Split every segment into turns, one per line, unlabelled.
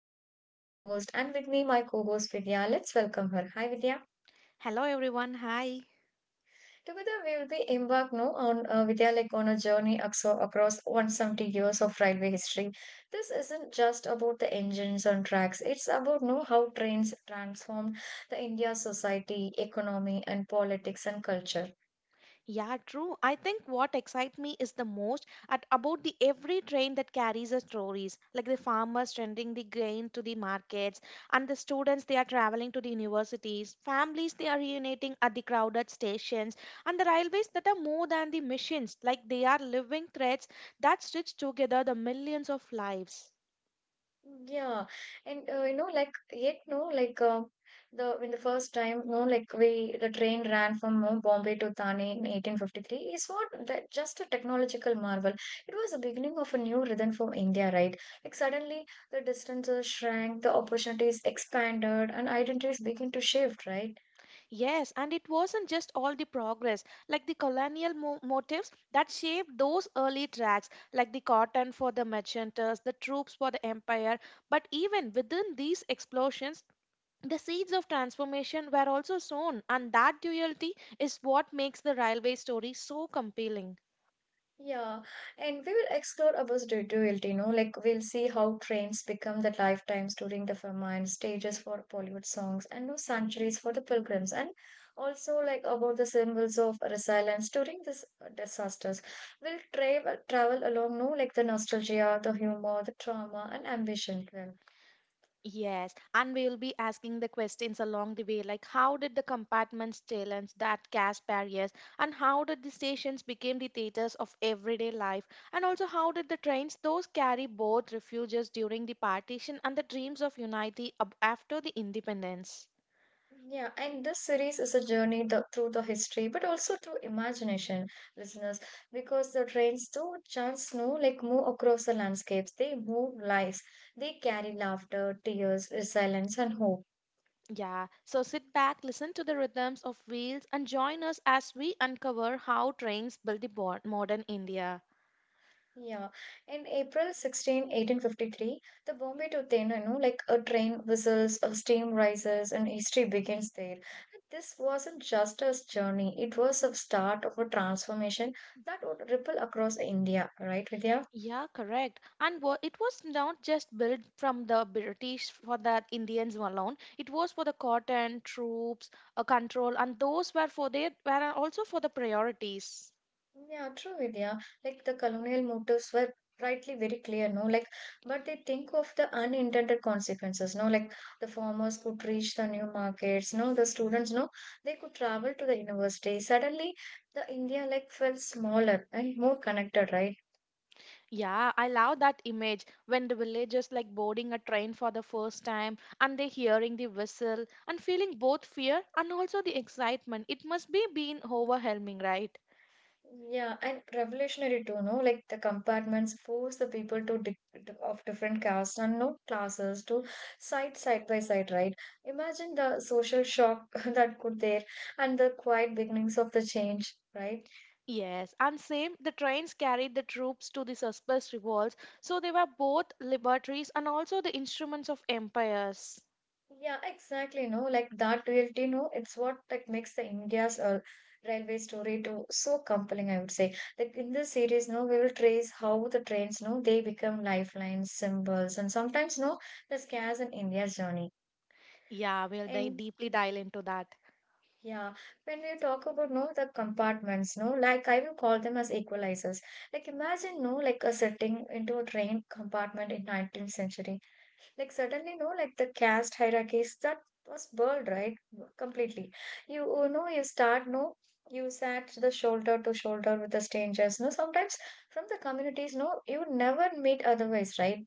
Tanu, your host, and with me my co-host Vidya. Let's welcome her. Hi Vidya.
Hello everyone, hi.
Together we will be embarked no on Vidya like on a journey across 170 years of railway history. This isn't just about the engines and tracks. It's about know how trains transformed the India society, economy, and politics and culture.
Yeah, true. I think what excites me is the most at about the every train that carries the stories, like the farmers sending the grain to the markets, and the students they are traveling to the universities, families they are reuniting at the crowded stations, and the railways that are more than the machines, like they are living threads that stitch together the millions of lives.
Yeah, and yet no, like the in the first time, no, like we the train ran from no, Bombay to Thane in 1853 is what that just a technological marvel. It was the beginning of a new rhythm for India, right? Like suddenly the distances shrank, the opportunities expanded, and identities begin to shift, right?
Yes, and it wasn't just all the progress, like the colonial motifs that shaped those early tracks, like the cotton for the merchanters, the troops for the empire. But even within these explosions, the seeds of transformation were also sown, and that duality is what makes the railway story so compelling.
Yeah, and we will explore Abha's detailed, we'll see how trains become the lifetimes during the famine, stages for Bollywood songs, and new sanctuaries for the pilgrims, and also like about the symbols of resilience during these disasters. We'll travel along, no, like the nostalgia, the humor, the trauma, and ambition. Well.
Yes, and we will be asking the questions along the way, like how did the compartments challenge that caste barriers, and how did the stations became the theaters of everyday life, and also how did the trains those carry both refuges during the partition and the dreams of unity after the independence.
Yeah, and this series is a journey through the history, but also through imagination, listeners, because the trains do chance no like move across the landscapes. They move lives. They carry laughter, tears, resilience, and hope.
Yeah, so sit back, listen to the rhythms of wheels, and join us as we uncover how trains build the modern India.
Yeah, in April 16, 1853, the Bombay to Tena, you know, like a train whistles, a steam rises, and history begins there. And this wasn't just a journey; it was a start of a transformation that would ripple across India, right, Vidya?
Yeah, correct. And it was not just built from the British for the Indians alone. It was for the cotton, troops, control, and those were for their were also for the priorities.
Yeah, true, Vidya. Like the colonial motives were rightly very clear, no? Like, but they think of the unintended consequences, no? Like the farmers could reach the new markets, no? The students, no? They could travel to the university. Suddenly, the India like felt smaller and more connected, right?
Yeah, I love that image when the villagers like boarding a train for the first time and they hearing the whistle and feeling both fear and also the excitement. It must be been overwhelming, right?
Yeah, and revolutionary too, no? Like the compartments force the people to di of different castes and no classes to side by side, right? Imagine the social shock that could there and the quiet beginnings of the change, right?
Yes, and same, the trains carried the troops to the Suspect revolts, so they were both liberties and also the instruments of empires.
Yeah, exactly, no? Like that duality, no? It's what like makes the India's railway story too so compelling, I would say. Like in this series, no, we will trace how the trains, no, they become lifelines, symbols, and sometimes, no, the scars in India's journey.
Yeah, we'll
And
deeply dive into that.
yeah, when we talk about no the compartments, no, like I will call them as equalizers. Like imagine no like a sitting into a train compartment in 19th century. Like suddenly no like the caste hierarchies that was burled right completely. You know you start no you sat the shoulder to shoulder with the strangers. No sometimes from the communities no you never meet otherwise, right.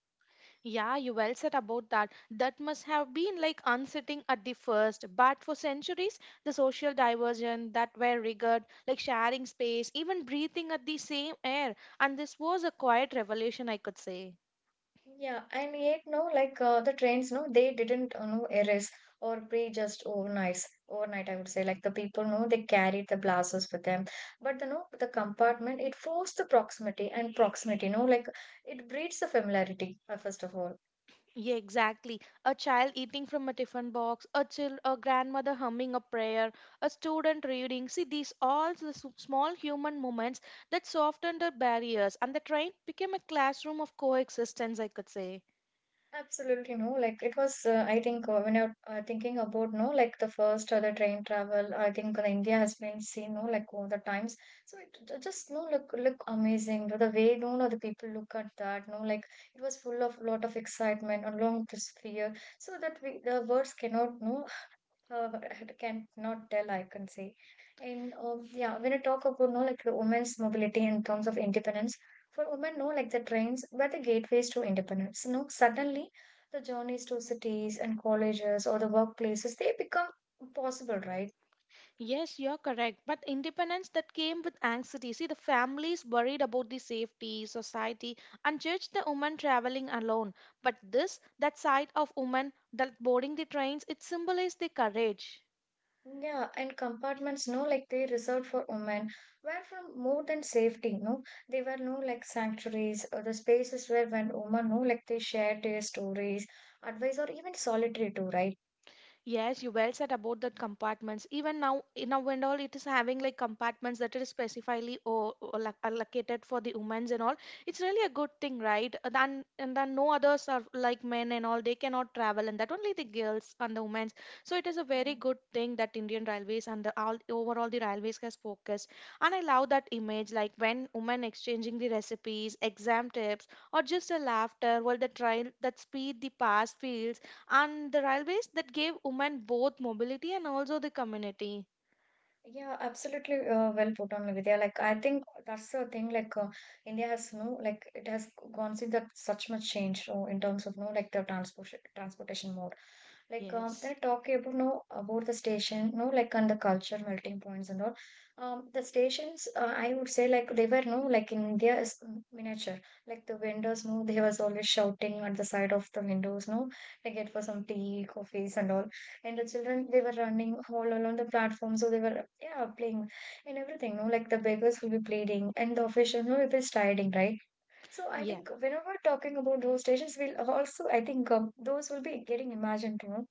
Yeah, you well said about that. That must have been like unsettling at the first, but for centuries, the social diversion that were regarded like sharing space, even breathing at the same air, and this was a quiet revolution, I could say.
Yeah, and yet no, like the trains, no, they didn't no erase or pray just overnight. Overnight, I would say, like the people, no, they carried the blasters with them. But the no, the compartment, it forced the proximity and proximity, no, like it breeds the familiarity first of all.
Yeah, exactly. A child eating from a tiffin box, a child, a grandmother humming a prayer, a student reading. See, these all the small human moments that softened the barriers, and the train became a classroom of coexistence, I could say.
Absolutely no, like it was. I think when you're thinking about no, like the first or the train travel, I think the India has been seen no, like all the times. So it just no, look amazing. The way no, no, the people look at that no, like it was full of lot of excitement along with this fear. So that we the words cannot no I can not tell, I can say. And yeah, when I talk about no like the women's mobility in terms of independence, for women, no like the trains were the gateways to independence. No, suddenly the journeys to cities and colleges or the workplaces they become possible, right?
Yes, you're correct. But independence that came with anxiety. See, the families worried about the safety, society, and judged the woman traveling alone. But this, that side of woman that boarding the trains, it symbolized the courage.
Yeah, and compartments, no, like they reserved for women, were from more than safety, no, they were no like sanctuaries or the spaces where when women, no, like they shared their stories, advice, or even solitary too, right?
Yes, you well said about the compartments. Even now, now and all, it is having like compartments that are specifically or like allocated for the women's and all. It's really a good thing, right? And then no others are like men and all. They cannot travel, and that only the girls and the women's. So it is a very good thing that Indian Railways and the all overall the railways has focused. And I love that image, like when women exchanging the recipes, exam tips, or just a laughter while the train that speed the past feels and the railways that gave women both mobility and also the community.
Yeah, absolutely. Well put on, Vidya. Like, I think that's the thing. Like, India has no, like, it has gone through that such much change in terms of no, like, the transportation mode. Like,
Yes.
they're talking about no about the station, no, like, and the culture melting points and all. The stations, I would say, like, they were no, like, in India is miniature. Like the vendors, no, they was always shouting at the side of the windows, no, like, it for some tea, coffees and all, and the children they were running all along the platform, so they were yeah playing, and everything no like the beggars will be pleading and the officials will be striding, right. So I
Yeah.
think whenever we're talking about those stations we'll also I think, those will be getting imagined, you know,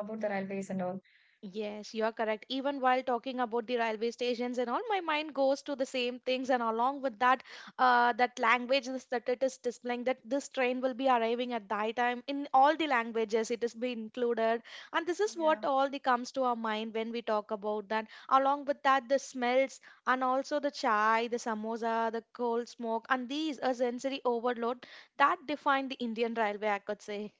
about the railways and all.
Yes, you are correct. Even while talking about the railway stations and all, my mind goes to the same things, and along with that, that language that it is displaying that this train will be arriving at that time in all the languages it is being included, and this is
Yeah,
what all the comes to our mind when we talk about that. Along with that, the smells and also the chai, the samosa, the coal smoke, and these a sensory overload that define the Indian railway, I could say.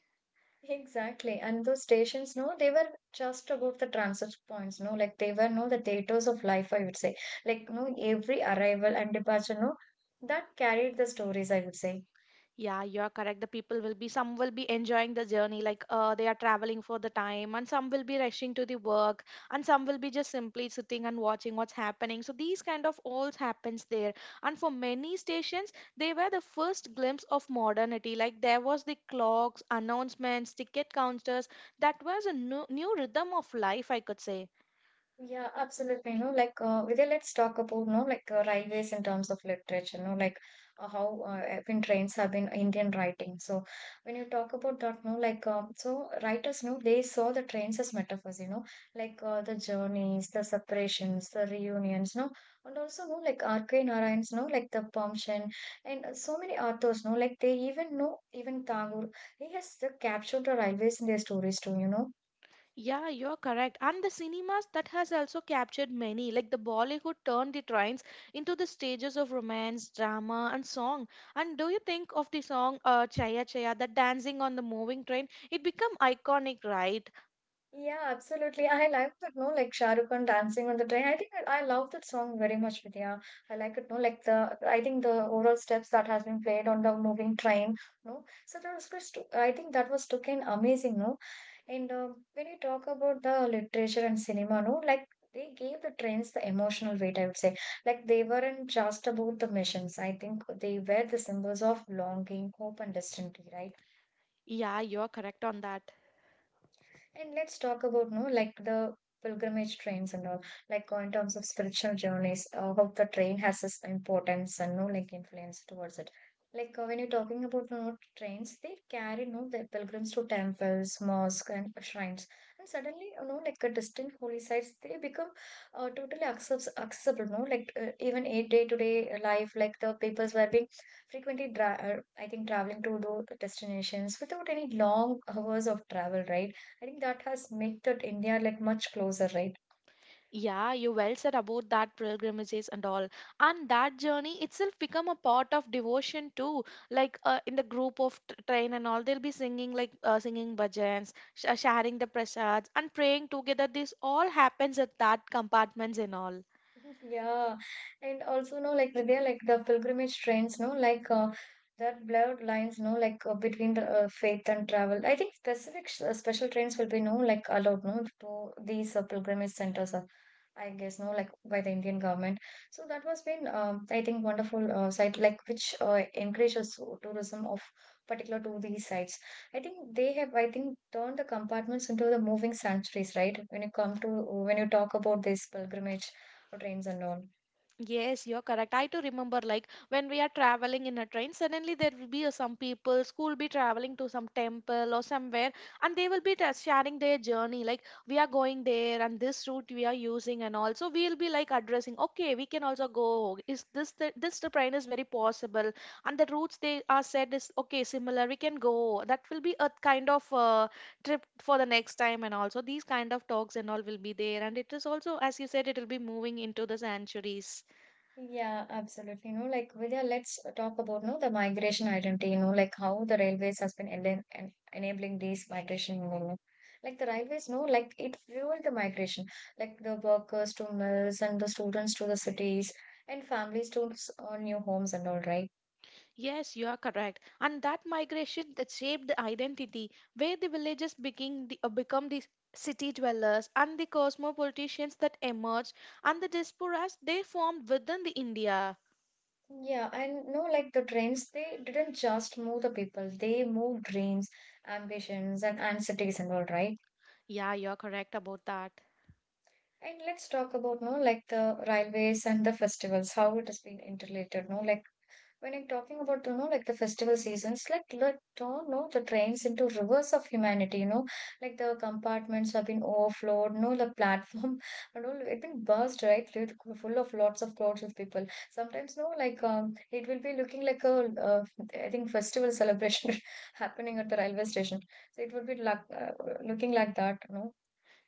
exactly, and those stations no they were just above the transit points no like they were no the theaters of life, I would say, like no every arrival and departure no that carried the stories, I would say.
Yeah, you're correct. The people will be, some will be enjoying the journey, like they are traveling for the time, and some will be rushing to the work, and some will be just simply sitting and watching what's happening. So these kind of all happens there. And for many stations, they were the first glimpse of modernity. Like there was the clocks, announcements, ticket counters. That was a new rhythm of life, I could say.
Yeah, absolutely. No, like Vidya, let's talk about no, like railways in terms of literature. No, like how when trains have been Indian writing. So when you talk about that, no, so writers, no, they saw the trains as metaphors. You know, like the journeys, the separations, the reunions. No, and also no, like R K Narayan's, no, like the Pumpkin, and so many authors. No, like they even know even Tagore. He has captured the railways in their stories too, you know.
Yeah, you're correct. And the cinemas that has also captured many, like the Bollywood turned the trains into the stages of romance, drama, and song. And do you think of the song Chaya Chaya, the dancing on the moving train? It become iconic, right?
Yeah, absolutely. I like that, no, like Shah Rukh Khan dancing on the train. I think I love that song very much, Vidya. I like it, no, like the I think the overall steps that has been played on the moving train, no. So that was just, I think that was looking amazing, no. And when you talk about the literature and cinema, no, like they gave the trains the emotional weight, I would say. Like they weren't just about the missions. I think they were the symbols of longing, hope, and destiny, right?
Yeah, you're correct on that.
And let's talk about no like the pilgrimage trains and all, like in terms of spiritual journeys, how the train has its importance and no like influence towards it. Like when you're talking about no trains, they carry no the pilgrims to temples, mosques, and shrines, and suddenly you know like a distant holy sites, they become totally accessible. No, like even a day-to-day life, like the peoples were being frequently I think traveling to those destinations without any long hours of travel, right? I think that has made that India like much closer, right?
Yeah, you well said about that pilgrimages and all. And that journey itself become a part of devotion too. Like in the group of train and all, they'll be singing like singing bhajans, sharing the prasads and praying together. This all happens at that compartments and all.
Yeah, and also no, like Vidya, like the pilgrimage trains, no, that blurred lines, no, between the faith and travel. I think specific special trains will be no, like allowed, no, to these pilgrimage centers. I guess no, like by the Indian government. So that was been, I think, wonderful site like which encourages so, tourism of particular to these sites. I think they have, I think, turned the compartments into the moving sanctuaries, right? When you talk about this pilgrimage trains and all.
Yes, you're correct. I too remember like when we are traveling in a train, suddenly there will be some people who will be traveling to some temple or somewhere and they will be sharing their journey. Like we are going there and this route we are using and also we'll be like addressing, okay, we can also go. Is this the train is very possible and the routes they are said is okay, similar, we can go. That will be a kind of trip for the next time and also these kind of talks and all will be there and it is also as you said it will be moving into the centuries.
Yeah, absolutely. You know, like Vidya, let's talk about no the migration identity. You know, like how the railways has been enen- en enabling these migration movement. Like the railways. No, like it fueled the migration, like the workers to mills and the students to the cities and families to new homes and all, right?
Yes, you are correct. And that migration that shaped the identity, where the villages begin the, become the city dwellers and the cosmopolitans that emerged and the diasporas they formed within the India.
Yeah, and no, like the trains, they didn't just move the people; they moved dreams, ambitions, and cities and all, right?
Yeah, you are correct about that.
And let's talk about no like the railways and the festivals, how it has been interrelated. No, like when I'm talking about you know like the festival seasons, like let don't know the trains into rivers of humanity. You know, like the compartments have been overflowed. No, the platform, and all it been burst right, full of lots of crowds with people. Sometimes no, like it will be looking like a I think festival celebration happening at the railway station. So it would be like looking like that. No,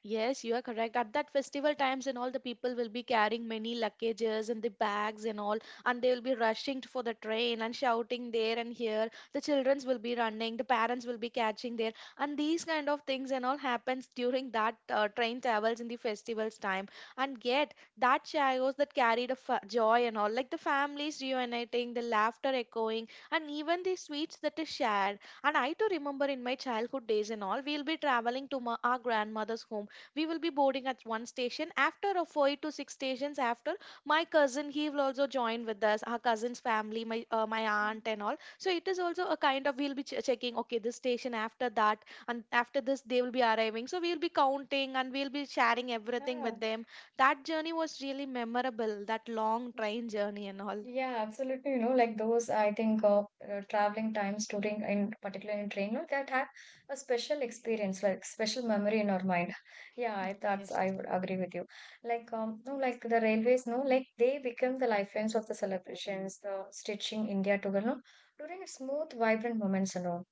Yes, you are correct. At that festival times and all, the people will be carrying many luggages and the bags and all, and they will be rushing for the train and shouting there and here. The childrens will be running, the parents will be catching there, and these kind of things and all happens during that train travels in the festival's time. And yet, that chaos that carried a joy and all, like the families reuniting, the laughter echoing, and even the sweets that is shared. And I too remember in my childhood days and all, we'll be traveling to our grandmother's home. We will be boarding at one station after a 5 to 6 stations after my cousin he will also join with us, our cousin's family, my aunt and all. So it is also a kind of we'll be checking okay this station after that and after this they will be arriving, so we'll be counting and we'll be sharing everything
yeah.
with them. That journey was really memorable, that long train journey and all.
Yeah, absolutely. You know, like those, I think, traveling times during, in particular in train, no, that have a special experience, like special memory in our mind. Yeah, I, that's,
Yes.
I would agree with you. Like, the railways, no, like they become the lifelines of the celebrations, the stitching India together, no, during its smooth, vibrant moments, and all.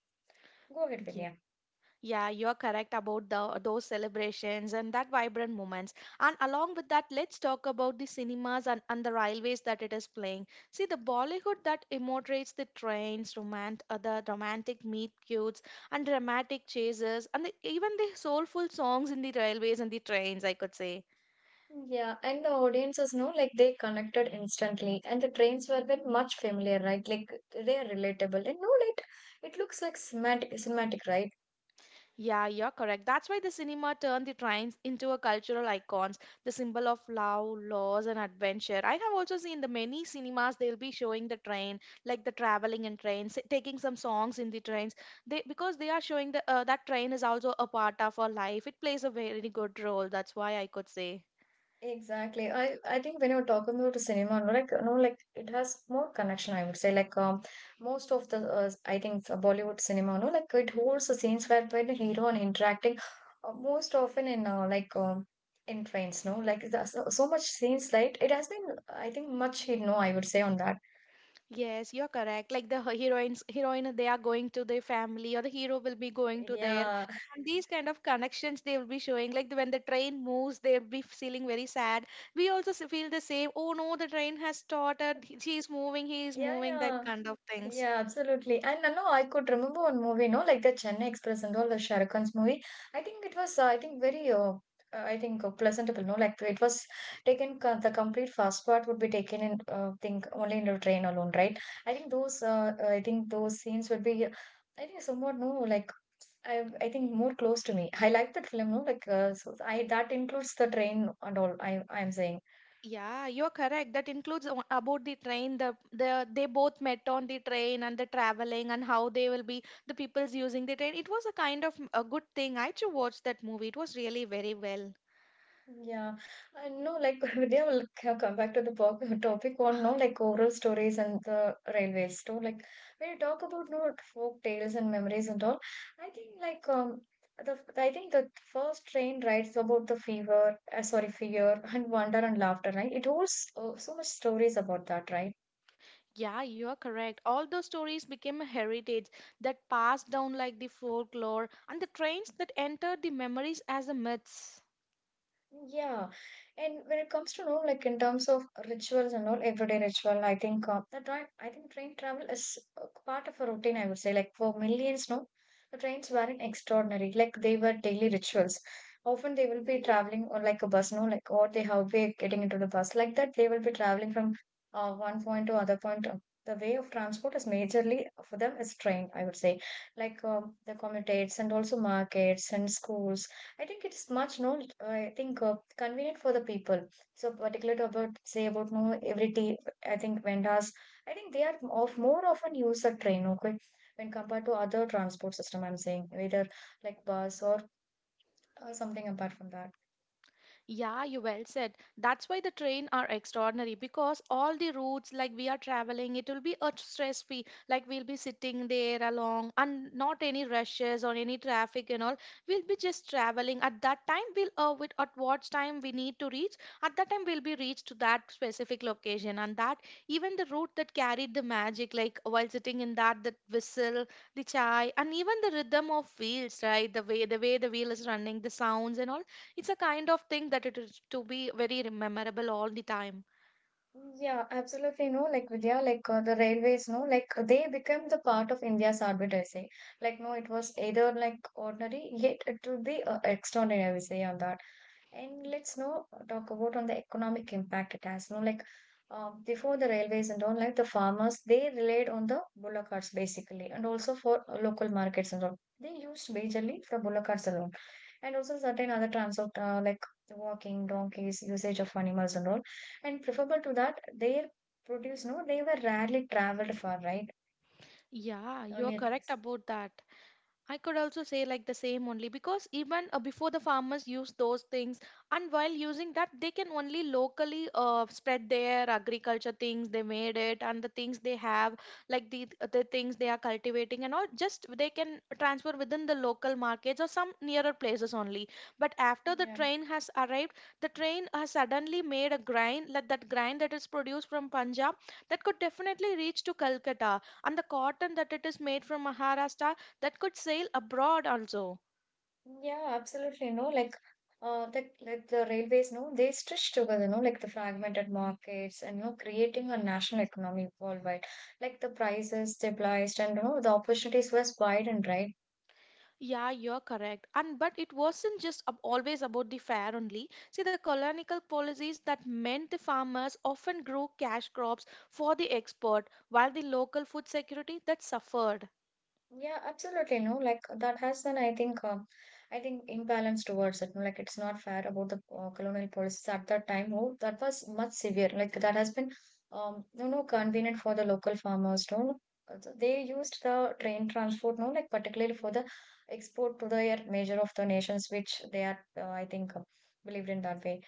Go ahead, Vidya.
Yeah, you're correct about the, those celebrations and that vibrant moments. And along with that, let's talk about the cinemas and the railways that it is playing. See, the Bollywood that immortates the trains, the romantic meet cutes, and dramatic chases, and the, even the soulful songs in the railways and the trains, I could say.
Yeah, and the audiences know like they connected instantly, and the trains were bit much familiar, right? Like they are relatable, and no, like it looks like cinematic, right?
Yeah, you're correct. That's why the cinema turned the trains into a cultural icons, the symbol of love, loss, and adventure. I have also seen the many cinemas they'll be showing the train, like the traveling in trains, taking some songs in the trains. They because they are showing the that train is also a part of our life. It plays a very good role. That's why I could say.
Exactly. I think when you're talking about the cinema, no, like no, like it has more connection. I would say like most of the I think Bollywood cinema, no, like it holds the scenes where the hero and interacting most often in in trains, no, like there's so much scenes, right? It has been I think much hit, no, I would say on that.
Yes, you're correct. Like the heroine, they are going to their family, or the hero will be going to their.
Yeah,
And these kind of connections they will be showing. Like the, when the train moves, they'll be feeling very sad. We also feel the same. Oh no, the train has started. She is moving. He is
Yeah,
moving. That
yeah.
kind of things.
Yeah, absolutely. And no, I could remember one movie, no, like the Chennai Express and all the Shah Rukh Khan's movie. I think it was, I think, very, I think, pleasantable, no, like it was taken, the complete fast part would be taken in, think, only in the train alone, right? I think those scenes would be, I think, somewhat, no, like, I think more close to me. I like that film, no, like, so I that includes the train and all. I'm saying.
Yeah, you're correct. That includes about the train. The they both met on the train and the traveling and how they will be the people's using the train. It was a kind of a good thing. I too watched that movie. It was really very well.
Yeah, I know. Like, Vidya will come back to the topic on no, like oral stories and the railways too. Like, when you talk about no like, folk tales and memories and all, I think like the I think the first train writes about the fever, sorry, fear and wonder and laughter. Right? It holds so much stories about that, right?
Yeah, you are correct. All those stories became a heritage that passed down like the folklore and the trains that entered the memories as a myths.
Yeah, and when it comes to know, like in terms of rituals and all, everyday ritual, I think the train, I think train travel is part of a routine. I would say, like for millions, the trains weren't extraordinary. Like they were daily rituals. Often they will be traveling or like a bus, no, like or they have been getting into the bus like that. They will be traveling from one point to other point. The way of transport is majorly for them is train. I would say, like the commutates and also markets and schools I think it's much known. I think convenient for the people. So particularly about say about no every tea. I think vendors. I think they are of more often use a train. Okay, when compared to other transport system, I'm saying either like bus or something apart from that.
Yeah, you well said. That's why the train are extraordinary because all the routes like we are traveling, it will be a stress free. Like we'll be sitting there along and not any rushes or any traffic and all. We'll be just traveling. At that time, at what time we need to reach. At that time, we'll be reached to that specific location, and that even the route that carried the magic, like while sitting in that whistle, the chai, and even the rhythm of wheels, right? The way the wheel is running, the sounds and all, it's a kind of thing that it is to be very rememberable all the time.
Yeah, absolutely. No, like Vidya, the railways, no, like they become the part of India's orbit, I say, Like, no, it was either like ordinary, yet it would be extraordinary, I would say, on that. And let's now talk about on the economic impact it has. No, like before the railways and all, like the farmers, they relied on the bullock carts basically, and also for local markets and all. They used majorly for bullock carts alone, and also certain other transport like the walking, donkeys, usage of animals and all. And preferable to that, their produce, no, they were rarely traveled for, right?
Yeah, you are
Earlier
correct
days.
about that. I could also say like the same only because even before the farmers use those things, and while using that they can only locally spread their agriculture things they made it and the things they have, like the things they are cultivating and all, just they can transfer within the local markets or some nearer places only. But after the
Yeah.
train has arrived, the train has suddenly made a grind, like that grind that is produced from Punjab that could definitely reach to Calcutta, and the cotton that it is made from Maharashtra, that could sail abroad also.
Yeah, absolutely. No, like the like the railways, they stitch together, no, like the fragmented markets and you know, creating a national economy worldwide. Like the prices stabilized and you know, the opportunities were widened, right?
Yeah, you're correct. And but it wasn't just always about the fair only. See, the colonial policies that meant the farmers often grew cash crops for the export, while the local food security that suffered.
Yeah, absolutely. No, like that has an, I think imbalance towards it. No, like it's not fair about the colonial policies at that time. Oh, that was much severe. Like that has been, you know, convenient for the local farmers. No, So they used the train transport. No, like particularly for the export to the major of the nations, which they are, believed in that way.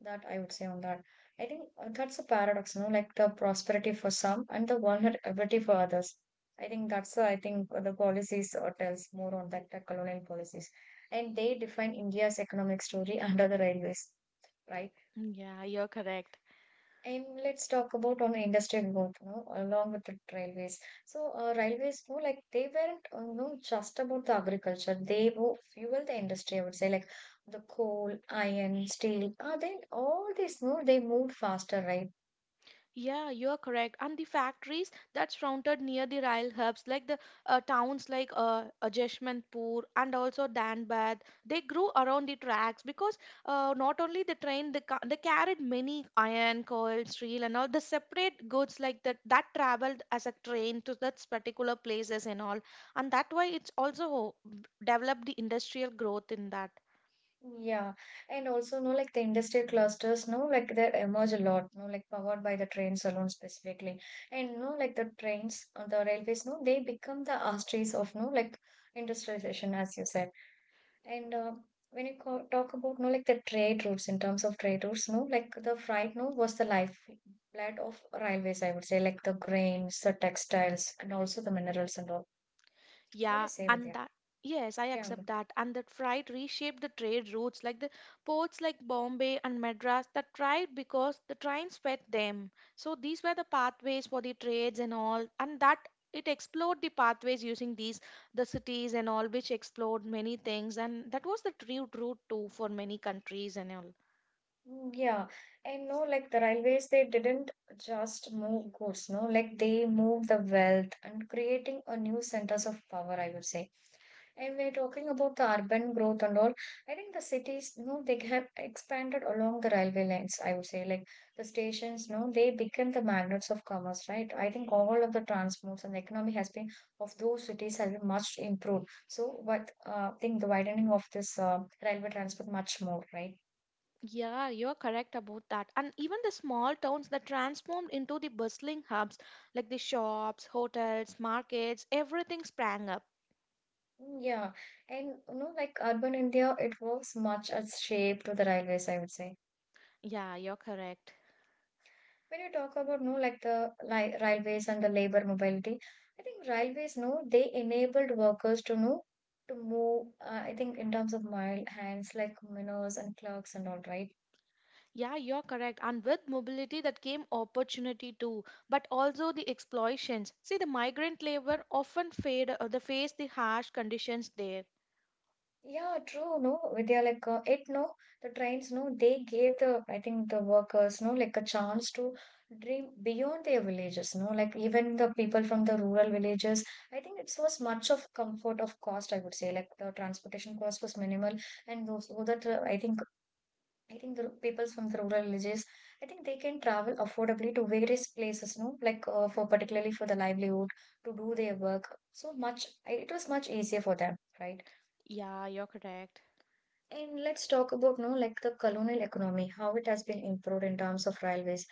That I would say on that. I think that's a paradox. No, like the prosperity for some and the vulnerability for others I think that's, I think the policies tells more on that colonial policies. And they define India's economic story under the railways, right?
Mm, yeah, you're correct.
And let's talk about on industrial growth, you know, along with the railways. So railways, you know, like they weren't, you know, just about the agriculture. They fuel the industry, I would say, like the coal, iron, steel. Then all this, you know, they moved faster, right?
Yeah, you are correct. And the factories that surrounded near the rail hubs, like the towns like Jeshmanpur and also Danbad, they grew around the tracks because not only the train, they carried many iron, coal, steel, and all the separate goods like that that traveled as a train to that particular places and all. And that way, it's also developed the industrial growth in that.
Yeah, and also no like the industrial clusters, no like they emerge a lot, no like powered by the trains alone specifically, and no like the trains on the railways, no they become the arteries of no like industrialization as you said, and when you co talk about no like the trade routes in terms of trade routes, the freight, no was the lifeblood of railways, I would say like the grains, the textiles, and also the minerals and all. What do you
Yeah,
say with
and that Yes, I
Yeah.
accept that. And that freight reshaped the trade routes, like the ports like Bombay and Madras that thrived because the trains fed them. So these were the pathways for the trades and all, and that it explored the pathways using these the cities and all, which explored many things, and that was the true route too for many countries and all.
Mm, Yeah, and no, like the railways, they didn't just move goods, no, like they moved the wealth and creating a new centers of power, I would say. And we're talking about the urban growth and all. I think the cities, no, they have expanded along the railway lines, I would say. Like the stations, no, they became the magnets of commerce, right? I think all of the transports and the economy has been of those cities has been much improved. So, what I think the widening of this railway transport much more, right?
Yeah, you're correct about that. And even the small towns that transformed into the bustling hubs, like the shops, hotels, markets, everything sprang up.
Mm, Yeah, and you know, like urban India, it works much as shape to the railways, I would say.
Yeah, you're correct.
When you talk about, no, like the li railways and the labor mobility, I think railways, no, they enabled workers to know to move. I think in terms of mile hands, like miners and clerks and all, right?
Yeah, you're correct. And with mobility that came opportunity too, but also the exploitations. See, the migrant labor often fade, they face the harsh conditions there.
Yeah, true. No, they are it. No, the trains. No, they gave the I think the workers. No, like a chance to dream beyond their villages. No, like even the people from the rural villages. I think it was much of comfort of cost. I would say like the transportation cost was minimal, and those so that I think the people from the rural villages. I think they can travel affordably to various places. No, like for particularly for the livelihood to do their work. So much. It was much easier for them, right?
Yeah, you're correct.
And let's talk about no like the colonial economy, how it has been improved in terms of railways.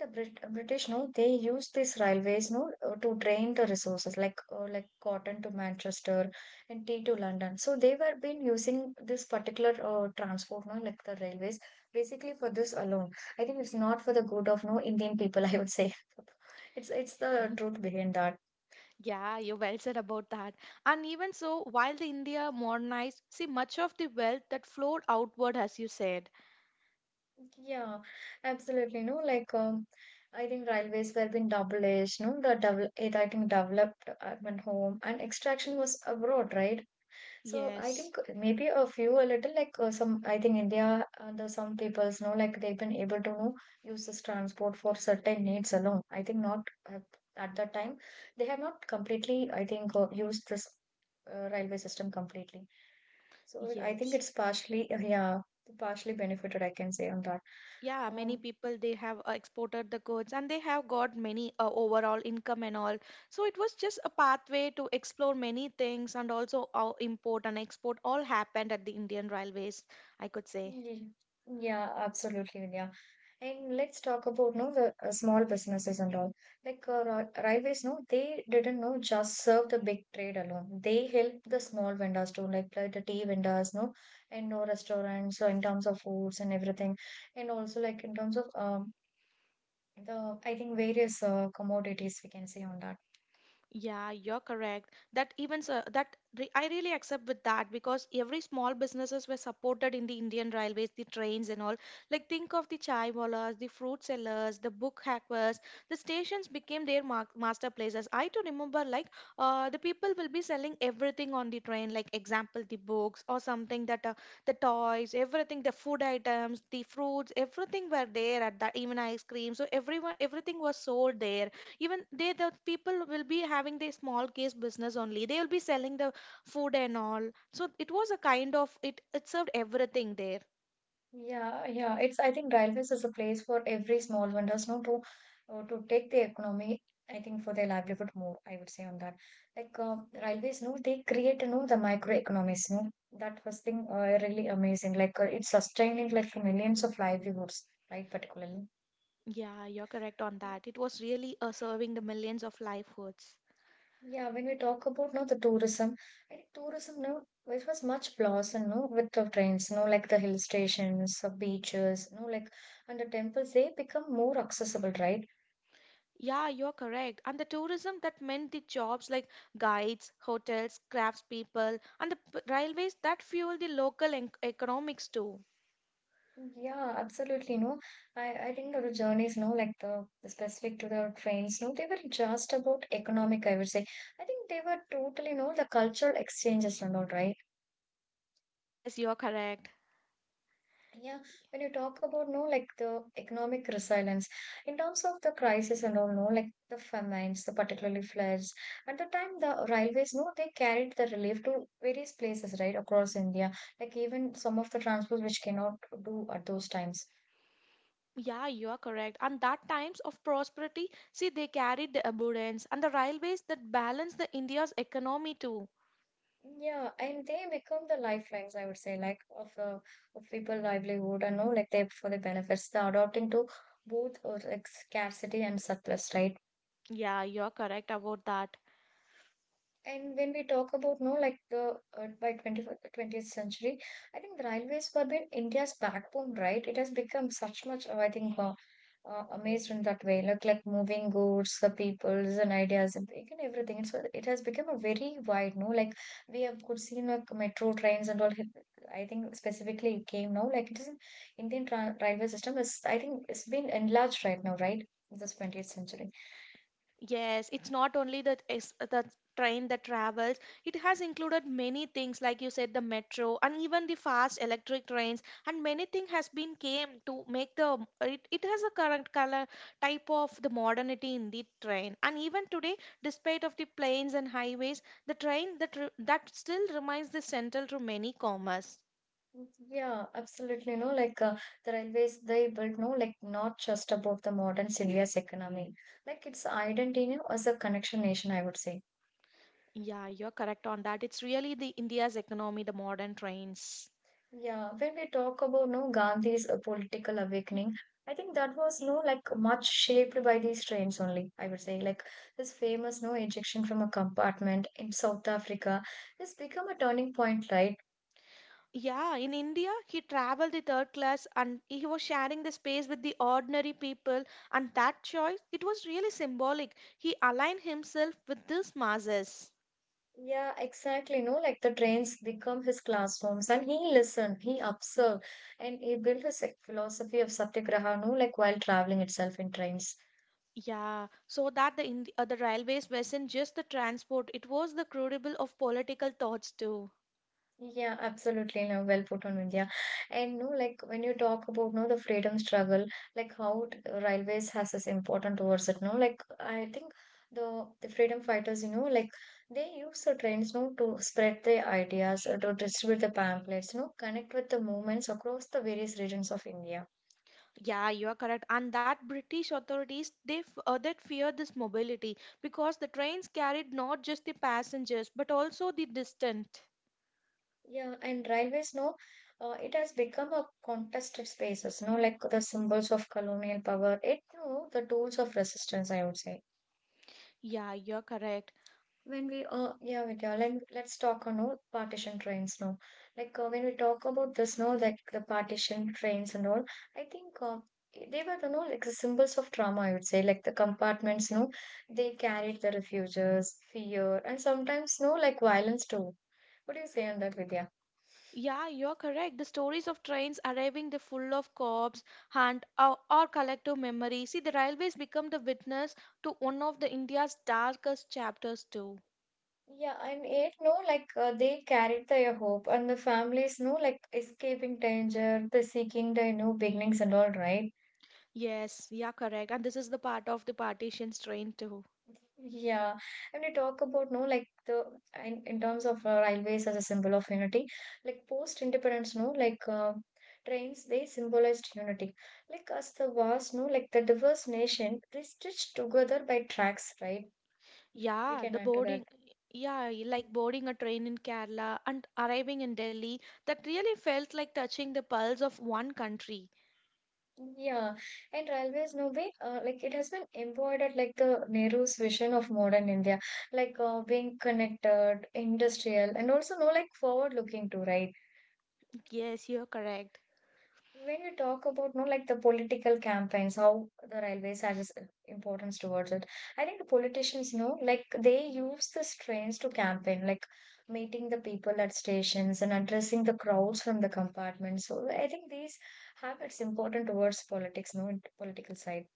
The British, no, they used these railways, no, to drain the resources like cotton to Manchester and tea to London. So they were been using this particular transport, no, like the railways, basically for this alone. I think it's not for the good of no Indian people, I would say. It's the truth behind that.
Yeah, you well said about that. And even so, while the India modernized, see much of the wealth that flowed outward, as you said.
Yeah, absolutely. No, like I think railways were being double-edged. No, the double it, I think developed urban home and extraction was abroad, right? So I
Yes,
think maybe a little like some I think India and the some peoples know like they've been able to know use this transport for certain needs alone. I think not uh, at that time they have not completely I think used this railway system completely. So I think
yes.
it's partially, yeah, partially benefited, I can say on that.
Yeah, many
Um,
people they have exported the goods and they have got many overall income and all. So it was just a pathway to explore many things, and also our import and export all happened at the Indian Railways, I could say.
ye- yeah, absolutely, Vidya. And let's talk about no the small businesses and all. Like railways, they didn't know just serve the big trade alone. They helped the small vendors too, like the tea vendors, and no restaurants. So in terms of foods and everything, and also like in terms of the I think various commodities we can say on that.
Yeah, you're correct. That even so, that re I really accept with that because every small businesses were supported in the Indian Railways, the trains and all. Like think of the chai wallahs, the fruit sellers, the book hackers. The stations became their ma master places. I too remember, like the people will be selling everything on the train, like example the books or something that the toys, everything, the food items, the fruits, everything were there at that, even ice cream. So everyone, everything was sold there. Even they the people will be having their small case business only, they will be selling the food and all. So it was a kind of it, it served everything there.
Yeah, yeah. It's I think railways is a place for every small vendors, no, to take the economy. I think for their livelihood more. I would say on that, like uh, railways, they create, the microeconomies, no. That was thing really amazing. Like it's sustaining like millions of livelihoods, right? Particularly.
Yeah, you're correct on that. It was really serving the millions of livelihoods.
Yeah, when we talk about no the tourism, I think tourism no it was much blossom no with the trains no like the hill stations, the beaches no like and the temples they become more accessible right
Yeah, you're correct. And the tourism that meant the jobs like guides, hotels, craftspeople, and the railways that fuel the local economics too.
Yeah, absolutely. No, I think the journeys, no, like the specific to the trains, no, they were just about economic, I would say. I think they were totally, no, the cultural exchanges and all, right?
Yes, you're correct.
Yeah, when you talk about, no, like the economic resilience, in terms of the crisis and all, no, like the famines, the particularly floods, at the time the railways, no, they carried the relief to various places, right, across India, like even some of the transports which cannot do at those times.
Yeah, you are correct. And that times of prosperity, see, they carried the abundance, and the railways that balance the India's economy too.
Yeah, and they become the lifelines, I would say, like of people livelihood and know like they for the benefits. They're adopting to both like scarcity and surplus, right?
Yeah, you are correct about that.
And when we talk about no, like the by 21st 20th century, I think the railways were been India's backbone, right? It has become such much, amazed in that way, like moving goods, the peoples and ideas and thing and everything. It has become a very wide, no, like we have could seen like metro trains and all. I think specifically it came now, like it is an Indian tra railway system is I think it's been enlarged right now, right? This 20th century.
Yes, it's not only the train that travels. It has included many things, like you said, the metro and even the fast electric trains. And many things has been came to make the it, it has a current color type of the modernity in the train. And even today, despite of the planes and highways, the train that re- that still remains the central to many commerce.
Yeah, absolutely. No, like The railways they built, no, like not just about the modern India's economy, like its identity no, as a connection nation, I would say.
Yeah, you're correct on that. It's really the India's economy, the modern trains.
Yeah, when we talk about no Gandhi's political awakening, I think that was no like much shaped by these trains only. I would say like this famous no ejection from a compartment in South Africa has become a turning point, right?
Yeah, in India, he traveled the third class and he was sharing the space with the ordinary people. And that choice, it was really symbolic. He aligned himself with these masses.
Yeah, exactly. No, like the trains become his classrooms, and he listened, he observed, and he built his like, philosophy of satyagraha. No, like while traveling itself in trains.
Yeah, so that the, the railways wasn't just the transport, it was the crucible of political thoughts too.
Yeah, absolutely. No, well put on India. And no, like when you talk about no the freedom struggle, like how railways has this important towards it. No, like I think the freedom fighters, you know, like they use the trains no to spread their ideas, or to distribute the pamphlets, you know, connect with the movements across the various regions of India.
Yeah, you are correct. And that British authorities that feared this mobility because the trains carried not just the passengers but also the distant.
Yeah, and railways, no, it has become a contested spaces, no, like the symbols of colonial power. It, no, the tools of resistance, I would say.
Yeah, you're correct.
Yeah, Vidya, let's talk on no, partition trains, no. Like when we talk about this, no, like the partition trains and all, I think they were, you know, like the symbols of trauma, I would say, like the compartments, no, they carried the refuges, fear, and sometimes, no, like violence too. What do you say on that, Vidya?
Yeah, you're correct. The stories of trains arriving, they're full of corpse, hunt, or collective memory. See, the railways become the witness to one of the India's darkest chapters too.
Yeah, and it no, they carried their hope, and the families, no, like escaping danger, the seeking the new beginnings and all, right?
Yes, yeah, correct. And this is the part of the partitions train too.
Yeah, and we talk about, no, like in terms of railways as a symbol of unity, like post independence, no, like trains, they symbolized unity. Like as the vast, no, like the diverse nation, they stitched together by tracks, right? We
Yeah,
can
the
add to that.
boarding. Yeah, like boarding a train in Kerala and arriving in Delhi, that really felt like touching the pulse of one country.
Yeah, and railways, no way. Like it has been embodied like the Nehru's vision of modern India, like being connected, industrial, and also no like forward looking too, right?
Yes, you're correct.
When we talk about no like the political campaigns, how the railways has its importance towards it, I think the politicians know like they use these trains to campaign, like meeting the people at stations and addressing the crowds from the compartments. So I think these habits important towards politics, no, in political side.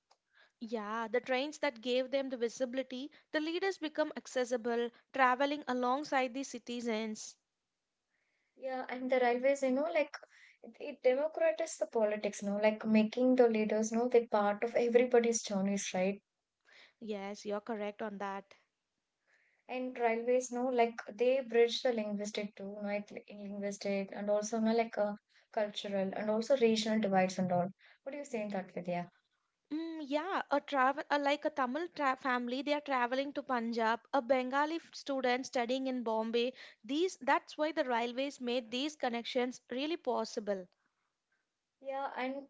Yeah, the trains that gave them the visibility, the leaders become accessible, traveling alongside the citizens.
Yeah, and the railways, you know, like it democratizes the politics, no, like making the leaders, no, they part of everybody's journeys, right?
Yes, you're correct on that.
And railways, no, like they bridge the linguistic too, no, like linguistic and also, no, like cultural and also regional divides and all. What do you say in that, Vidya?
Mm, yeah, a travel like a family, they are traveling to Punjab. A Bengali student studying in Bombay. These that's why the railways made these connections really possible.
Yeah, and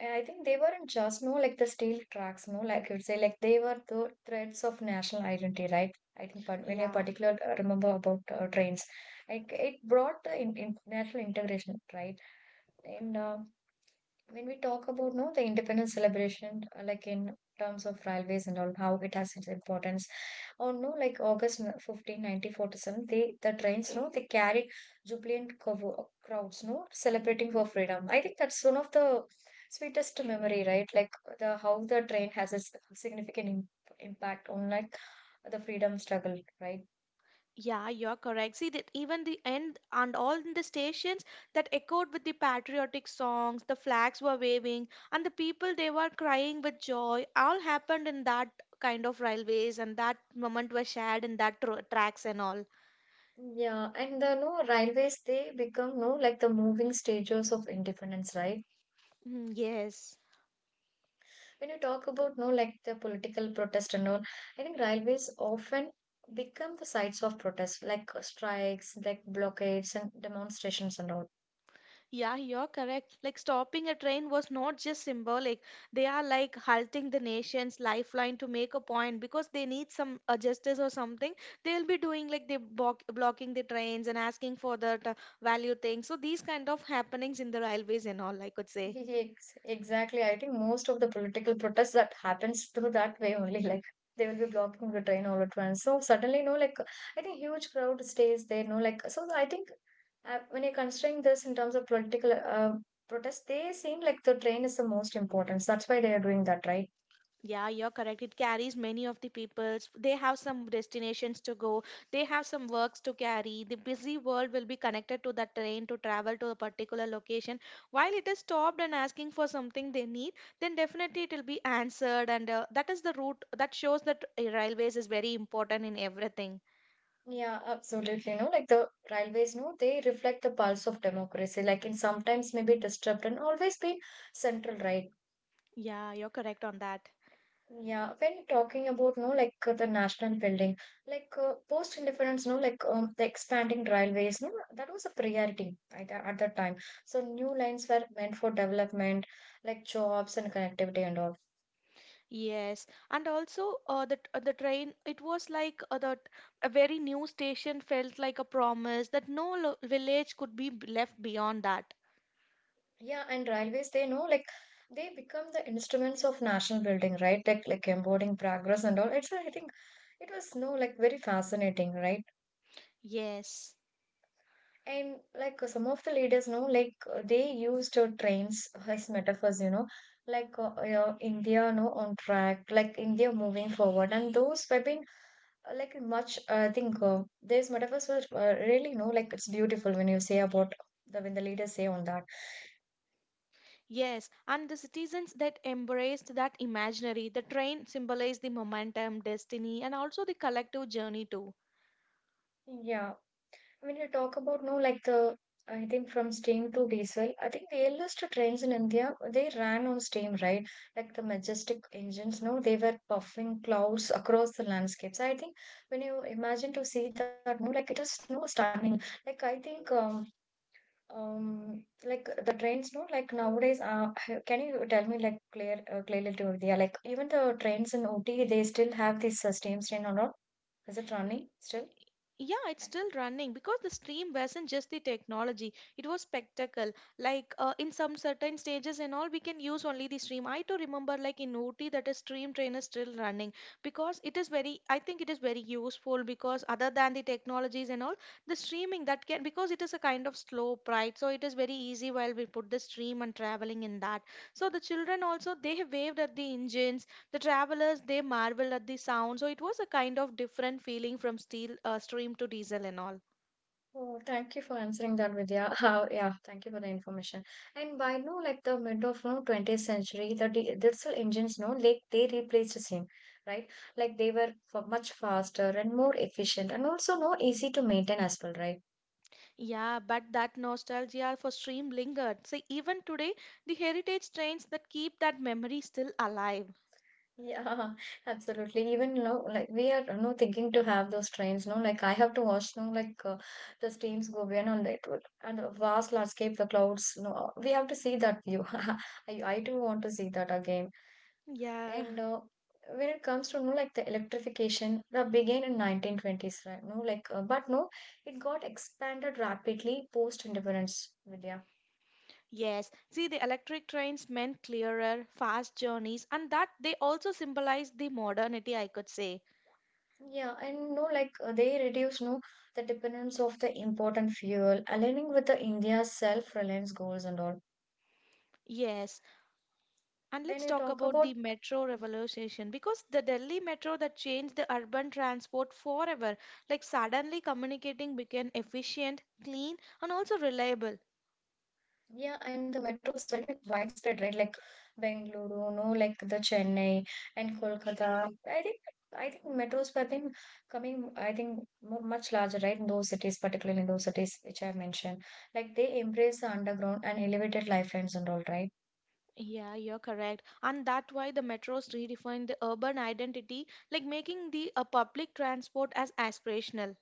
I think they weren't just no like the steel tracks, no, like you'd say, like they were the threads of national identity, right? I think, but when you
Yeah.
particular remember about trains, like it brought in national integration, right? And when we talk about no the independence celebration like in terms of railways and all how it has its importance or no like 15 1947 they the trains no they carried crowds no celebrating for freedom. I think that's one of the sweetest memory, right? Like the how the train has a s- significant im- impact on like the freedom struggle, right?
Yeah, you're correct. See that even the end and all in the stations that echoed with the patriotic songs, the flags were waving, and the people they were crying with joy. All happened in that kind of railways, and that moment was shared in that tracks and all.
Yeah, and the no railways they become no like the moving stages of independence, right?
Mm, yes.
When you talk about no like the political protest and all, I think railways often become the sites of protest like strikes, like blockades and demonstrations and all.
Yeah, you're correct. Like stopping a train was not just symbolic. They are like halting the nation's lifeline to make a point because they need some justice or something. They'll be doing like blocking the trains and asking for that value thing. So these kind of happenings in the railways and all, I could say.
Exactly, I think most of the political protests that happens through that way only. Like they will be blocking the train all at once so suddenly no like I think huge crowd stays there no like so I think when you're considering this in terms of political protest, they seem like the train is the most important, that's why they are doing that, right?
Yeah, you're correct. It carries many of the peoples. They have some destinations to go. They have some works to carry. The busy world will be connected to that train to travel to a particular location. While it is stopped and asking for something they need, then definitely it will be answered. And that is the route that shows that railways is very important in everything.
Yeah, absolutely. No, like the railways, no, they reflect the pulse of democracy, like in sometimes maybe disrupt and always be central, right?
Yeah, you're correct on that.
Yeah, when talking about no, like the national building, like post indifference, no, like the expanding railways, no, that was a priority at that time. So new lines were meant for development, like jobs and connectivity and all.
Yes, and also the train. It was like that a very new station felt like a promise that no lo village could be left beyond that.
Yeah, and railways, they know like they become the instruments of national building, right? Like embodying progress and all. It's I think it was no like very fascinating, right?
Yes,
And like some of the leaders know like they used trains as metaphors, you know, like uh, India, no, on track, like India moving forward, and those have been like much. I think these metaphors were really no like it's beautiful when you say about the when the leaders say on that.
yes, and the citizens that embraced that imaginary. The train symbolized the momentum, destiny, and also the collective journey too.
Yeah, when you talk about no, like the I think from steam to diesel, I think the earliest trains in India they ran on steam, right? Like the majestic engines, no, they were puffing clouds across the landscapes. I think when you imagine to see that, no, like it is no stunning. Like I think like the trains, no, like nowadays, can you tell me like clearly to India, like even the trains in OT, they still have this steam train or not? Is it running still?
Yeah, it's still running because the stream wasn't just the technology, it was spectacle. Like in some certain stages and all, we can use only the stream. I too remember, like in OT, that a stream train is still running because it is very, I think it is very useful because other than the technologies and all, the streaming that can, because it is a kind of slope, right? So it is very easy while we put the stream and traveling in that. So the children also, they have waved at the engines, the travelers they marveled at the sound. So it was a kind of different feeling from steel stream to diesel and all.
Oh, thank you for answering that, Vidya. How, yeah, thank you for the information. And by no, like the mid of no 20th century, the diesel engines, no, like they replaced the same, right? Like they were for much faster and more efficient, and also no easy to maintain as well, right?
Yeah, but that nostalgia for stream lingered. See, even today, the heritage trains that keep that memory still alive.
Yeah, absolutely. Even now, like we are no thinking to have those trains, no, like I have to watch, no, like the streams go beyond on and the vast landscape, the clouds, no, we have to see that view. I too want to see that again.
Yeah.
And when it comes to no like the electrification that began in 1920s, right? No like but no it got expanded rapidly post independence, Vidya.
Yes, see, the electric trains meant clearer, fast journeys, and that they also symbolized the modernity, I could say.
Yeah, and no like they reduced no the dependence of the important fuel aligning with the India's self reliance goals and all
Yes. And
when
let's
we
talk
talk
about
about.
the metro revolution, because the Delhi metro that changed the urban transport forever. Like suddenly communicating became efficient, clean, and also reliable.
Yeah, and the metro is very widespread, right? Like Bengaluru, no, like the Chennai and Kolkata. I think metros have been coming, I think, mo much larger, right? In those cities, particularly in those cities which I've mentioned. Like they embrace the underground and elevated lifelines and all, right?
Yeah, you're correct. And that's why the metros redefined the urban identity, like making the public transport as aspirational.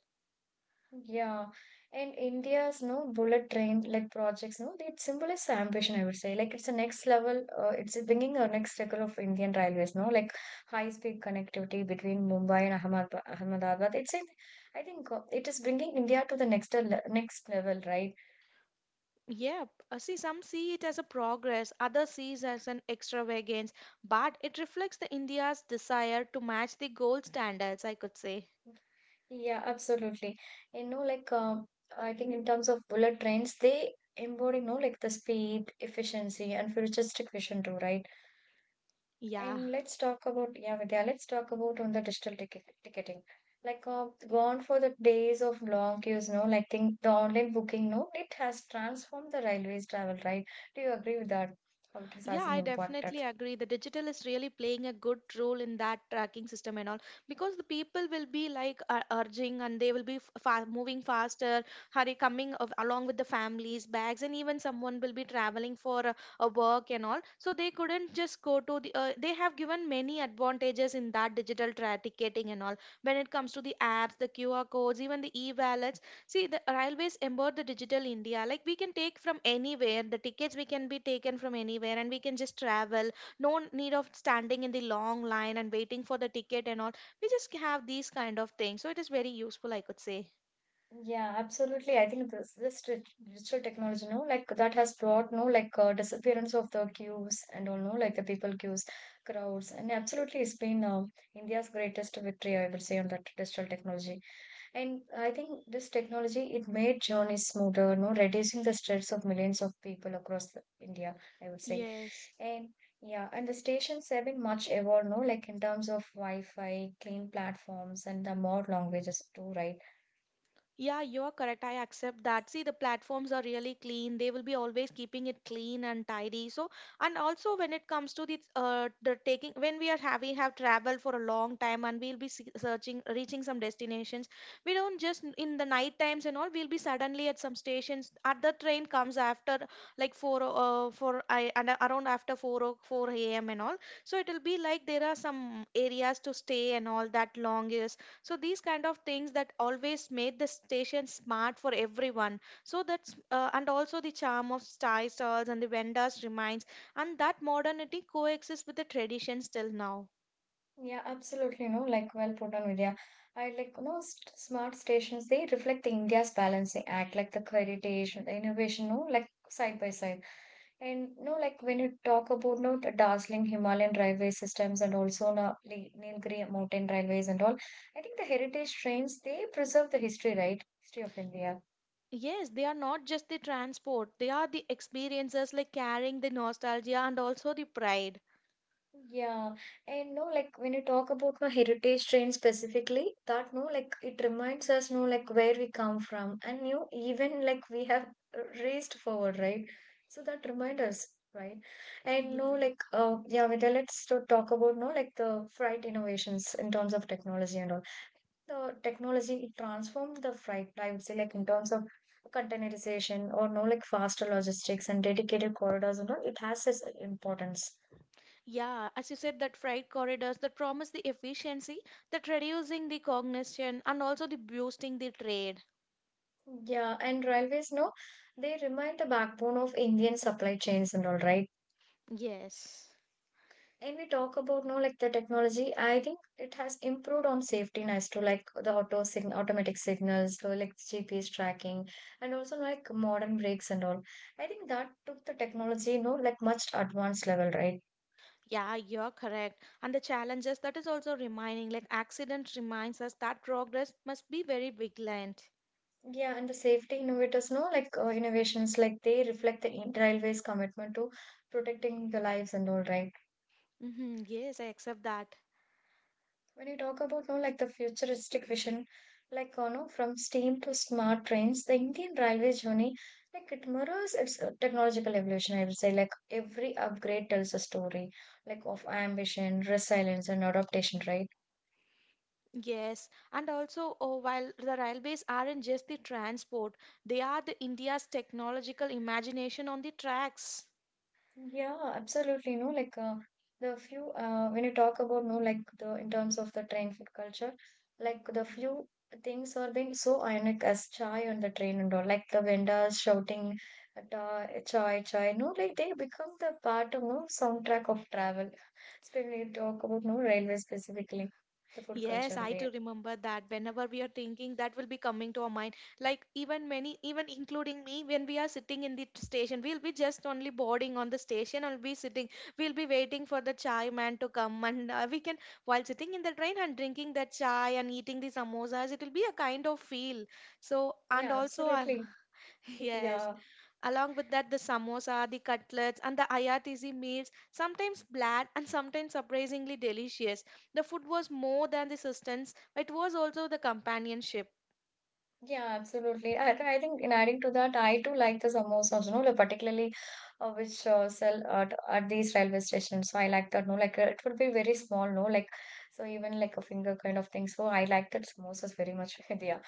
Yeah, and India's no bullet train like projects, no, it symbolizes ambition, I would say. Like it's a next level, it's bringing a next level of Indian railways, no, like high speed connectivity between Mumbai and Ahmedabad. I think it is bringing India to the next le next level, right?
Yeah, see, some see it as a progress, others see it as an extravagance, but it reflects the India's desire to match the gold standards, I could say.
Yeah, absolutely. You know, like um, I think in terms of bullet trains, they embody, you know, like the speed, efficiency, and futuristic vision too, right?
Yeah.
And let's talk about, yeah, Vidya, let's talk about on the digital ticketing. Like, gone for the days of long queues, no? Like, think the online booking, no? It has transformed the railways travel, right? Do you agree with that? How it
Yeah,
has an
I
impact?
definitely
That?
agree. The digital is really playing a good role in that tracking system and all because the people will be like urging and they will be moving faster, hurry coming of, along with the families, bags, and even someone will be traveling for a work and all. So they couldn't just go to the. They have given many advantages in that ticketing and all when it comes to the apps, the QR codes, even the e-wallets. See, the railways embed the digital India. Like we can take from anywhere, the tickets we can be taken from anywhere, and we can just travel. No need of standing in the long line and waiting for the ticket and all. We just have these kind of things. So it is very useful, I could say.
Yeah, absolutely. I think digital technology, no, like that has brought, no, like disappearance of the queues and all, no, like the people queues, crowds, and absolutely, it's been India's greatest victory, I will say, on that digital technology. And I think this technology it made journeys smoother, no reducing the stress of millions of people across India, I would say.
Yes.
And yeah, and the stations have been much evolved, no, like in terms of Wi-Fi, clean platforms, and the more languages too, right?
Yeah, you're correct. I accept that. See, the platforms are really clean. They will be always keeping it clean and tidy. So, and also when it comes to the taking, when we are having have traveled for a long time and we'll be searching, reaching some destinations, we don't just in the night times and all. We'll be suddenly at some stations. Other train comes after like for I and around after four o four a.m. and all. So it will be like there are some areas to stay and all that long is so these kind of things that always made the station smart for everyone so that's and also the charm of chai stalls and the vendors remains, and that modernity coexists with the traditions till now.
Yeah, absolutely, no, like well put on, Vidya. I like no smart stations. They reflect the India's balancing act, like the heritage, the innovation, no, like side by side. And no, like when you talk about no, the dazzling Himalayan railway systems and also no, Nilgiri mountain railways and all, I think the heritage trains they preserve the history, right? History of India.
Yes, they are not just the transport, they are the experiences like carrying the nostalgia and also the pride.
Yeah, and no, like when you talk about no heritage train specifically, that no, like it reminds us no, like where we come from, and you even like we have raced forward, right? So that reminds us, right? And no,
Yeah.
like, yeah, Vidya, let's to talk about no, like the freight innovations in terms of technology and all. The technology transformed the freight, I would say, like in terms of containerization or no, like faster logistics and dedicated corridors and all, it has its importance.
Yeah, as you said, that freight corridors that promise the efficiency, that reducing the cognition and also the boosting the trade.
Yeah, and railways, no, they remain the backbone of Indian supply chains and all, right?
Yes.
And we talk about no, like the technology. I think it has improved on safety as to like the auto sign automatic signals, so like GPS tracking, and also like modern brakes and all. I think that took the technology, you know, like much advanced level, right?
Yeah, you're correct. And the challenges that is also reminding, like accident reminds us that progress must be very vigilant.
Yeah, and the safety innovators know like innovations like they reflect the railway's commitment to protecting the lives and all right.
Yes, I accept that.
When you talk about no like the futuristic vision, like you no, from steam to smart trains, the Indian railway journey like it mirrors its technological evolution. I would say like every upgrade tells a story like of ambition, resilience, and adaptation, right?
Yes, and also oh, while the railways aren't just the transport, they are the India's technological imagination on the tracks.
Yeah, absolutely. No, like the few when you talk about no, like the in terms of the train food culture, like the few things are being so ironic as chai on the train and all, like the vendors shouting at, chai chai. No, like they become the part of no soundtrack of travel. Especially when you talk about no railway specifically, the food
Yes,
culture
I
there.
do remember that whenever we are thinking, that will be coming to our mind. Like even many, even including me, when we are sitting in the station, we'll be just only boarding on the station and be sitting. We'll be waiting for the chai man to come, and we can while sitting in the train and drinking that chai and eating the samosas, it will be a kind of feel. So and
Yeah,
also, I
absolutely.
yes,
Yeah.
along with that, the samosa, the cutlets, and the IRTC meals, sometimes bland and sometimes surprisingly delicious. The food was more than the sustenance, but it was also the companionship.
Yeah, absolutely. I think in adding to that, I too like the samosas, you know, like particularly which sell at these railway stations. So I like that, no, like it would be very small, no, like so even like a finger kind of thing. So I like that samosas very much. Yeah,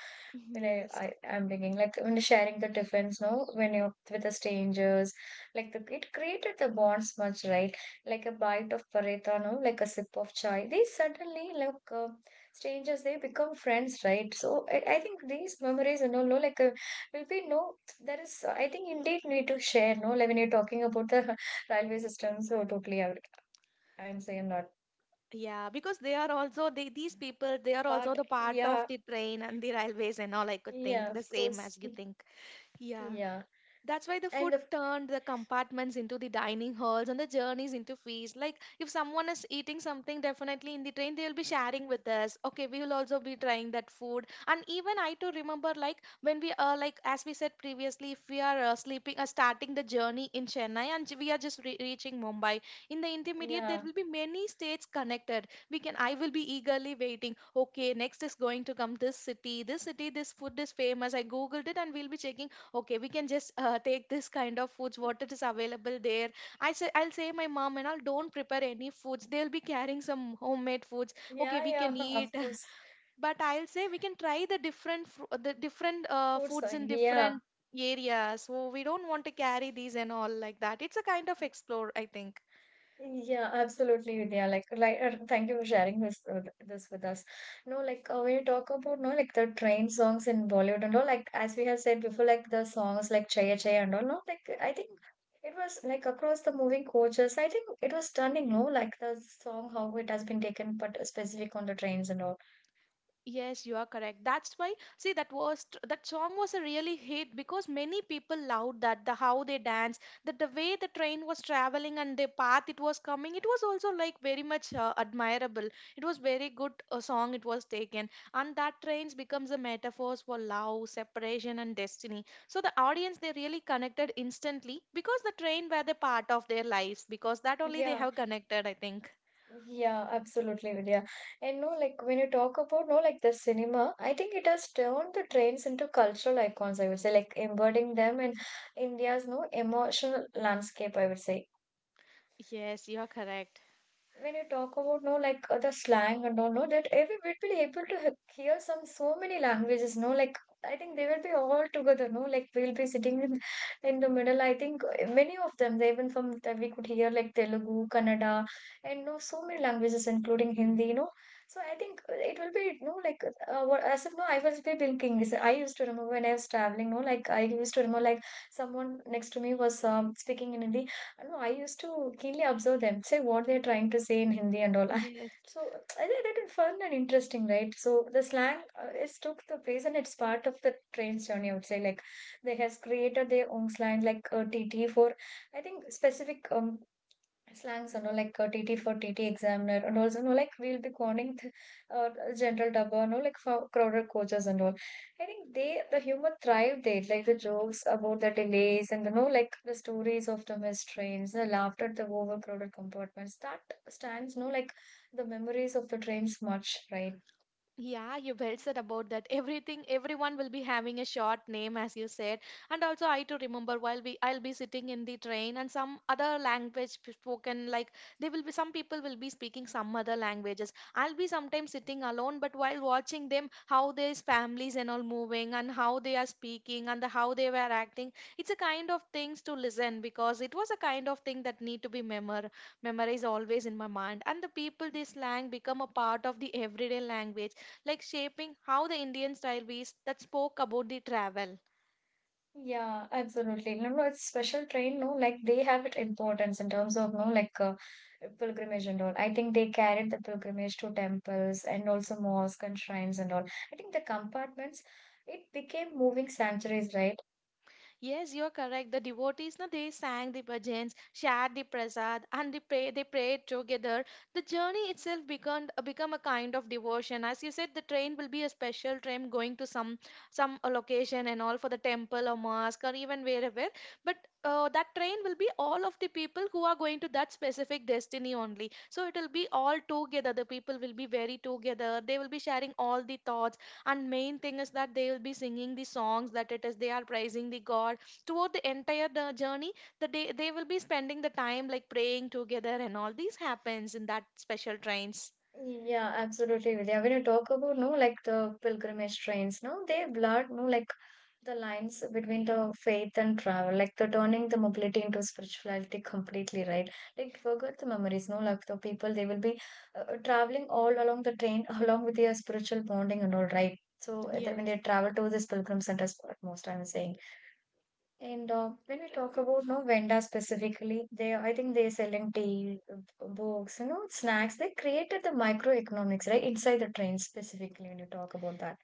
when
Yes.
I I'm thinking like when sharing the difference, no, when you with the strangers, like the it created the bonds much, right? Like a bite of paratha, no, like a sip of chai. They suddenly like. Strangers they become friends right so I think these memories you know, no like will be no there is I think indeed need to share no like when you're talking about the railway system so totally I would, I'm saying not
Yeah, because they are also they, these people, they are also
but
the part of the train and the railways and all. I could
yeah
think
of
the same
course
as you think. Yeah.
yeah
That's why the food
and of,
turned the compartments into the dining halls and the journeys into feasts. Like if someone is eating something definitely in the train, they will be sharing with us. Okay, we will also be trying that food. And even I too remember like when we are like as we said previously, if we are sleeping or starting the journey in Chennai and we are just reaching Mumbai, in the intermediate there
yeah
will be many states connected. We can I will be eagerly waiting. Okay, next is going to come this city. This city, this food is famous. I googled it and we'll be checking okay we can just take this kind of foods what it is available there. I say I'll say my mom and all don't prepare any foods, they'll be carrying some homemade foods okay
yeah
we can
yeah of
eat.
course
But I'll say we can try the different the different foods in
yeah.
different areas, so we don't want to carry these and all, like that it's a kind of explore I think.
Yeah, absolutely, Vidya. Like, thank you for sharing this this with us. No, like, when you talk about no, like the train songs in Bollywood and all, like as we have said before, like the songs like Chaya Chaya and all, no, like I think it was like across the moving coaches. I think it was stunning, no, like the song how it has been taken, but specific on the trains and all.
Yes, you are correct. That's why, see, that was that song was a really hit because many people loved that the how they dance, that the way the train was traveling and the path it was coming. It was also like very much admirable. It was very good song it was taken, and that trains becomes a metaphors for love, separation, and destiny. So the audience they really connected instantly because the train were the part of their lives because that only they
Yeah,
have connected. I think.
yeah, absolutely, Vidya. And no, like when you talk about no, like the cinema, I think it has turned the trains into cultural icons, I would say, like embodying them in India's no emotional landscape, I would say
Yes, you are correct.
when you talk about no like the slang and all no that every we'd be able to hear some so many languages no like I think they will be all together no like we'll be sitting in the middle I think many of them they even from that we could hear like Telugu Kannada and no so many languages including Hindi you know so I think it will be no like as if no I was be thinking is I used to remember when I was traveling no like I used to remember like someone next to me was speaking in Hindi I don't know I used to keenly observe them, say what they're trying to say in Hindi and all.
Yes.
So I think that is fun and interesting, right? So the slang is took the place and it's part of the train's journey. I would say like they has created their own slang, like TT for I think specific slangs you know like TT for TT examiner and also you know like we'll be calling the general double you know like for crowded coaches and all. I think they the humor thrived there like the jokes about the delays and you know like the stories of the missed trains the laughter at the overcrowded compartments that stands you know like the memories of the trains much right.
Yeah, you well said about that. Everything, everyone will be having a short name, as you said. And also, I too remember while we, I'll be sitting in the train, and some other language spoken. Like they will be, some people will be speaking some other languages. I'll be sometimes sitting alone, but while watching them, how their families and all moving, and how they are speaking, and the, how they were acting, it's a kind of things to listen because it was a kind of thing that need to be memorized always in my mind. And the people, this slang become a part of the everyday language like shaping how the Indian railways that spoke about the travel.
Yeah, absolutely. No, no, it's special train, no, like they have it importance in terms of, no, like pilgrimage and all. I think they carried the pilgrimage to temples and also mosques and shrines and all. I think the compartments, it became moving sanctuaries, right?
Yes, you are correct. The devotees, na, they sang the bhajans, shared the prasad, and they, pray, they prayed together. The journey itself become a kind of devotion. As you said, the train will be a special train going to some location and all for the temple or mosque or even wherever. But that train will be all of the people who are going to that specific destiny only. So it will be all together. The people will be very together. They will be sharing all the thoughts and main thing is that they will be singing the songs that it is they are praising the god throughout the entire the journey. The day they will be spending the time like praying together and all these happens in that special trains.
Yeah, absolutely, Vidya. When you talk about no, like the pilgrimage trains, no, they blur no, like the lines between the faith and travel, like the turning the mobility into spirituality completely, right? Like forget the memories, no, like the people they will be traveling all along the train, along with their spiritual bonding and all, right? So that when
Yes.
they travel to this pilgrim center spot, most I'm saying. And when we talk about no vendors specifically, they I think they're selling tea, books, you know, snacks. They created the microeconomics right inside the trains specifically when you talk about that.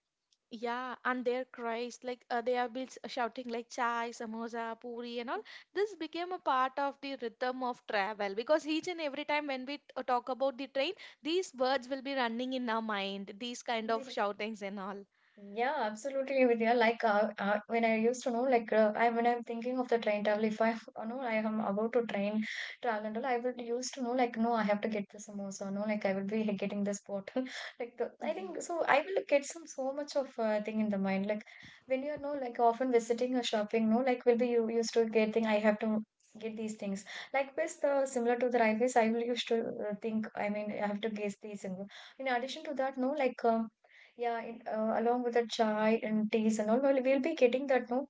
Yeah, and their cries, like they are be shouting like chai, samosa, puri, and all. This became a part of the rhythm of travel because each and every time when we talk about the train, these words will be running in our mind, these kind of shoutings and all.
Yeah, absolutely, Vidya. Like when I used to know, like I when I'm thinking of the train travel, if I you know I am about to train travel and all, I would used to know like no, I have to get this samosa, no, like I will be getting this bottle, like the I
Mhm.
think so. I will get some so much of thing in the mind. Like when you are no like often visiting or shopping, no, like will be you used to get thing. I have to get these things. Like with the similar to the railways, I will used to think. I mean, I have to guess these. And in addition to that, no, like. Yeah, along with the chai and teas and all, well, we'll be getting that no,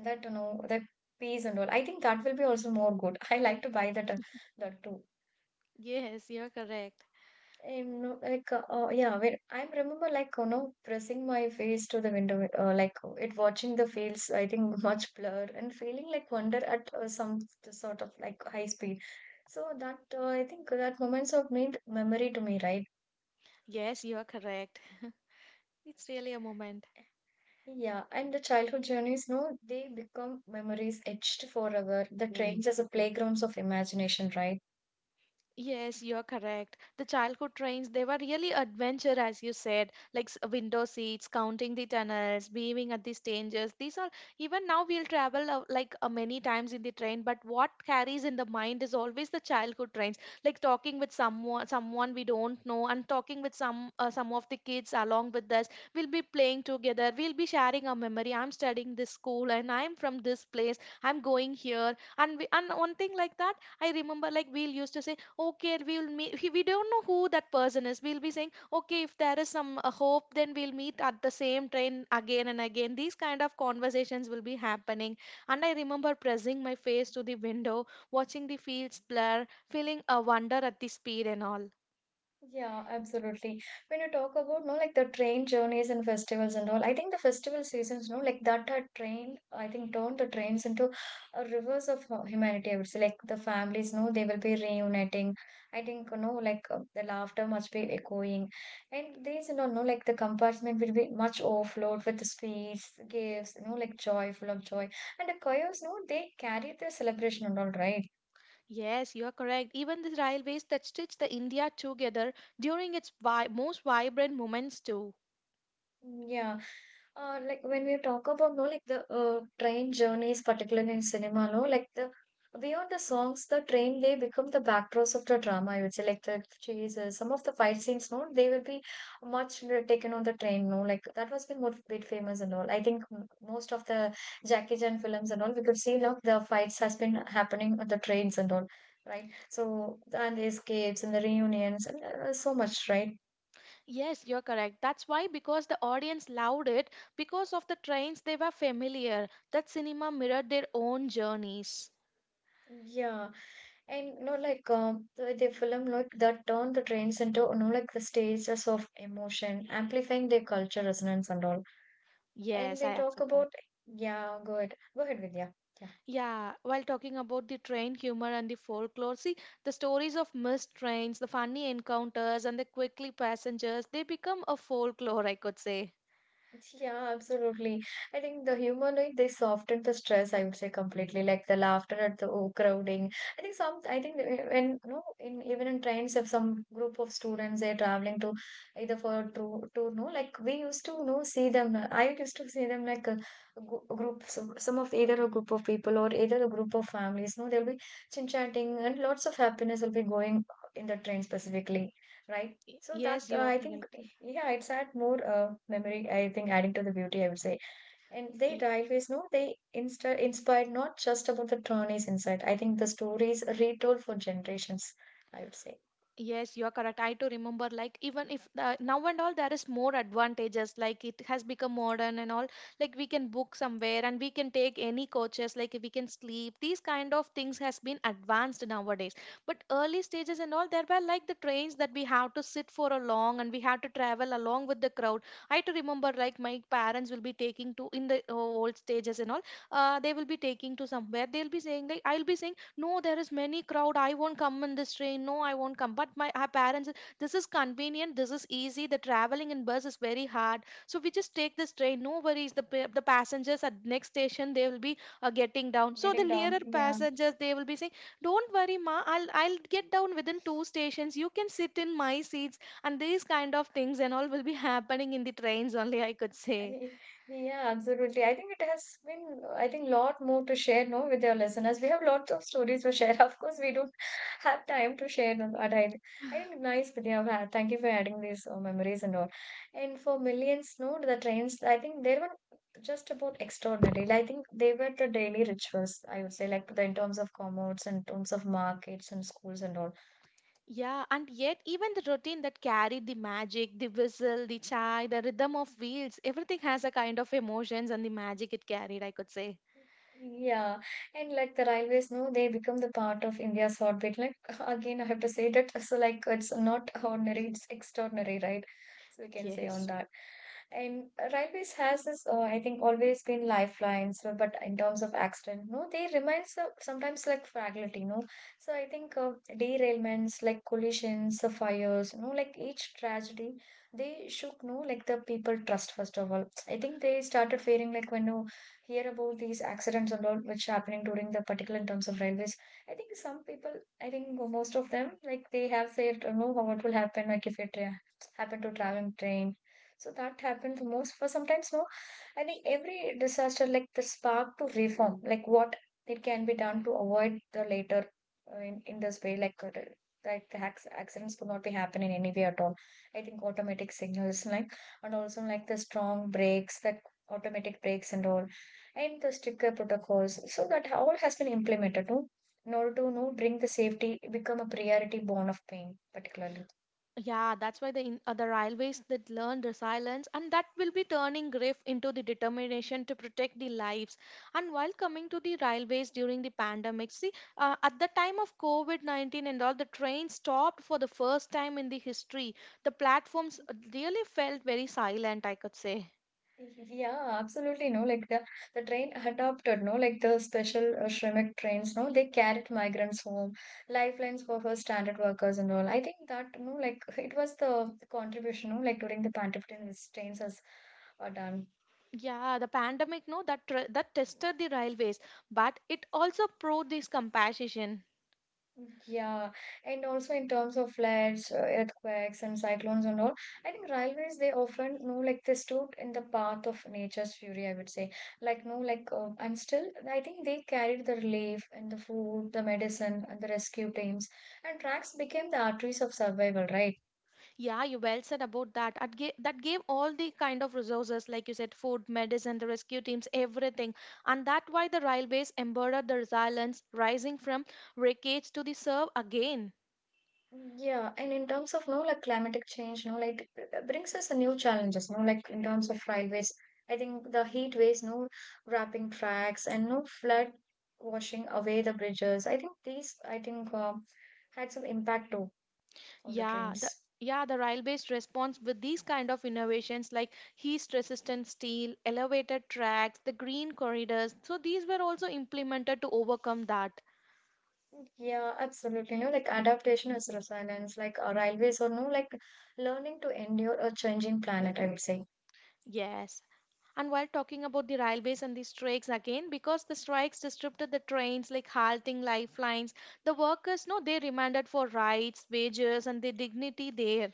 that you know, that peas and all. I think that will be also more good. I like to buy that that too.
Yes, you're correct.
And no, like yeah, when I remember like you know pressing my face to the window, it watching the fields. I think much blur and feeling like wonder at some sort of like high speed. So that I think that moments have made memory to me, right?
Yes, you are correct. It's really a moment.
Yeah, and the childhood journeys, no, they become memories etched forever. The Mm. trains as a playgrounds of imagination, right?
Yes, you're correct. The childhood trains, they were really adventure, as you said, like window seats, counting the tunnels, beaming at the stages. These are even now we'll travel like many times in the train, but what carries in the mind is always the childhood trains, like talking with someone, someone we don't know, and talking with some of the kids along with us. We'll be playing together. We'll be sharing our memory. I'm studying this school, and I'm from this place. I'm going here, and we, and one thing like that I remember like we'll used to say, okay, we'll meet. We don't know who that person is. We'll be saying, okay, if there is some hope, then we'll meet at the same train again and again. These kind of conversations will be happening. And I remember pressing my face to the window, watching the fields blur, feeling a wonder at the speed and all.
Yeah, absolutely. When you talk about no like the train journeys and festivals and all, I think the festival seasons, no, like that had trained, I think turned the trains into a rivers of humanity, I would say. Like the families, no, they will be reuniting. I think, you know, like the laughter must be echoing. And these, you know, no, like the compartment will be much overflowed with the sweets, gifts, you know, like joy, full of joy. And the coyotes, no, they carry the celebration and all, right?
Yes, you are correct. Even the railways that stitch the India together during its most vibrant moments too.
Yeah. Like when we talk about no like the train journeys, particularly in cinema, no like the beyond the songs, the train they become the backdrops of the drama. I would say like the chases, some of the fight scenes, no they will be much taken on the train, no like that was been more bit famous and all. I think most of the Jackie Chan films and all we could see look the fights has been happening on the trains and all, right? So and the escapes and the reunions and so much, right?
Yes, you're correct. That's why, because the audience loved it, because of the trains they were familiar, that cinema mirrored their own journeys.
Yeah. And the film like that turned the trains into the stages of emotion, amplifying their culture resonance and all. And
Yes,
when
I
you
accept
talk
that.
about, yeah, go ahead, Vidya. Yeah.
Yeah, while talking about the train humor and the folklore, see, the stories of missed trains, the funny encounters, and the quickly passengers, they become a folklore, I could say.
Yeah, absolutely. I think the humor like they soften the stress, I would say completely, like the laughter at the overcrowding. I think some I think When no, in even in trains, if some group of students they're traveling to either for a tour no, like we used to see them, I used to see them like a, a group, some of either a group of people or either a group of families, no they'll be chin chatting and lots of happiness will be going in the train specifically, right? So that,
Yes, you are
I think,
correct.
yeah, it's add more memory. I think adding to the beauty, I would say. And they
Y-
railways, no, they insta inspired not just about the trolleys inside. I think the stories retold for generations. I would say.
Yes, you are correct. I too remember, like, even if now and all, there is more advantages. Like, it has become modern and all. Like, we can book somewhere and we can take any coaches. Like, we can sleep. These kind of things has been advanced nowadays. But early stages and all, there were like the trains that we have to sit for a long and we had to travel along with the crowd. I too remember, like, my parents will be taking to in the old stages and all. They will be taking to somewhere. They'll be saying, like, I'll be saying, no there is many crowd I won't come in this train, no I won't come. But my our parents, this is convenient, this is easy, the traveling in bus is very hard, so we just take this train, no worries. The the passengers at next station they will be getting down, so the
Getting down,
nearer
yeah.
passengers they will be saying don't worry ma, I'll get down within 2 stations, you can sit in my seats. And these kind of things and all will be happening in the trains only, I could say.
Yeah, absolutely. I think it has been, I think, lot more to share, no, with your listeners. We have lots of stories to share. Of course, we don't have time to share them, but I think nice, Vidya. Thank you for adding these memories and all. And for millions, no, the trains, I think they were just about extraordinary. I think they were the daily rituals, I would say, like the, in terms of commerce, in terms of markets and schools and all.
Yeah, and yet even the routine that carried the magic, the whistle, the chai, the rhythm of wheels, everything has a kind of emotions and the magic it carried, I could say.
Yeah, and like the railways, no, they become the part of India's heartbeat. Like again, I have to say that, so like it's not ordinary, it's extraordinary, right? So we can say on
Yes.
that. And railways has this, I think, always been lifelines. So, but in terms of accident, no, they remind sometimes like fragility, no. So I think, derailments, like collisions, fires, no, like each tragedy, they shook, no, like the people trust first of all. I think they started fearing like when no hear about these accidents and all which happening during the particular in terms of railways. I think some people, I think most of them, like they have said, you know what will happen like if you happen to traveling train. So that happens most for sometimes, no, I think every disaster like the spark to reform, like what it can be done to avoid the later, in this way like, like the hacks, accidents could not be happen in any way at all. I think automatic signals, like, and also like the strong brakes, the automatic brakes and all, and the stricter protocols. So that all has been implemented, no? In order to, no, bring the safety become a priority bone of pain, particularly.
Yeah, that's why the railways that learned resilience and that will be turning grief into the determination to protect the lives. And while coming to the railways during the pandemic, see, at the time of COVID-19 and all, the train stopped for the first time in the history. The platforms really felt very silent, I could say.
Yeah, absolutely. No, like the train adopted. No, like the special Shrimek trains. No, they carried migrants home, lifelines for her standard workers and all. I think that no, like it was the contribution. No, like during the pandemic, these trains has done.
Yeah, the pandemic, no, that tested the railways, but it also proved this compassion.
Yeah, and also in terms of floods, earthquakes, and cyclones and all, I think railways they often know like they stood in the path of nature's fury, I would say. Like, no, like, and still, I think they carried the relief and the food, the medicine, and the rescue teams, and tracks became the arteries of survival, right?
Yeah, you well said about that. That gave all the kind of resources, like you said, food, medicine, the rescue teams, everything, and that why the railways embodied the resilience, rising from wreckage to the serve again.
Yeah, and in terms of no like climatic change, no like it brings us a new challenges, no like in terms of railways. I think the heat waves, no, wrapping tracks, and no flood washing away the bridges. I think these, I think, had some impact too on the
Yeah, the
trains.
yeah, the railways response with these kind of innovations like heat-resistant steel, elevated tracks, the green corridors. So these were also implemented to overcome that.
Yeah, absolutely. No, like adaptation is resilience. Like railways, or no, like learning to endure a changing planet. I would say.
Yes. And while talking about the railways and the strikes again, because the strikes disrupted the trains, like halting lifelines, the workers, no, they demanded for rights, wages, and the dignity there.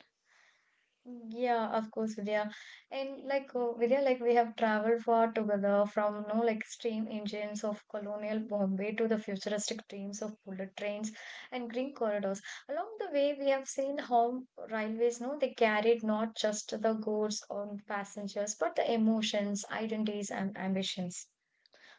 Yeah, of course, Vidya. And like, Vidya, like we have traveled far together from, like steam engines of colonial Bombay to the futuristic dreams of bullet trains and green corridors. Along the way, we have seen how railways, no, they carried not just the goods or passengers, but the emotions, identities, and ambitions.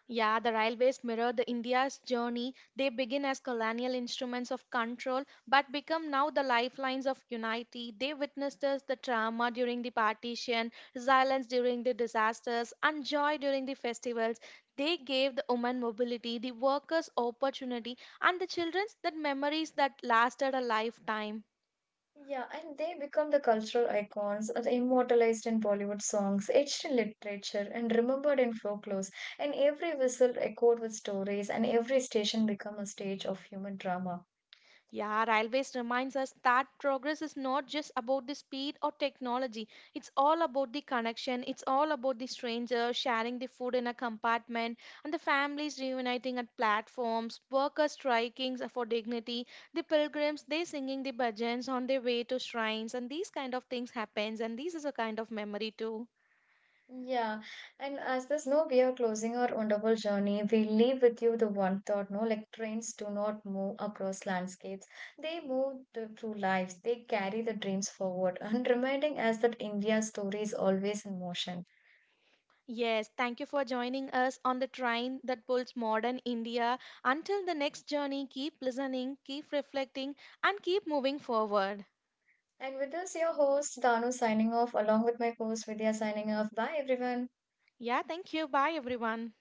Yeah, the railways mirror the India's journey. They begin as colonial instruments of control, but become now the lifelines of unity. They witnessed us the trauma during the partition, silence during the disasters, and joy during the festivals. They gave the women mobility, the workers opportunity, and the children that memories that lasted a lifetime.
Yeah, and they become the cultural icons, immortalized in Bollywood songs, etched in literature, and remembered in folklores. And every whistle echoed with stories, and every station became a stage of human drama.
Yeah, railways reminds us that progress is not just about the speed or technology. It's all about the connection. It's all about the stranger sharing the food in a compartment and the families reuniting at platforms, workers striking for dignity, the pilgrims they singing the bhajans on their way to shrines, and these kind of things happens, and this is a kind of memory too.
Yeah, and as there's no we are closing our wonderful journey, we leave with you the one thought, no, like trains do not move across landscapes. They move the, through lives. They carry the dreams forward and reminding us that India's story is always in motion.
Yes, thank you for joining us on the train that pulls modern India. Until the next journey, keep listening, keep reflecting, and keep moving forward.
And with this, your host Danu signing off, along with my host Vidya signing off. Bye, everyone.
Yeah, thank you. Bye, everyone.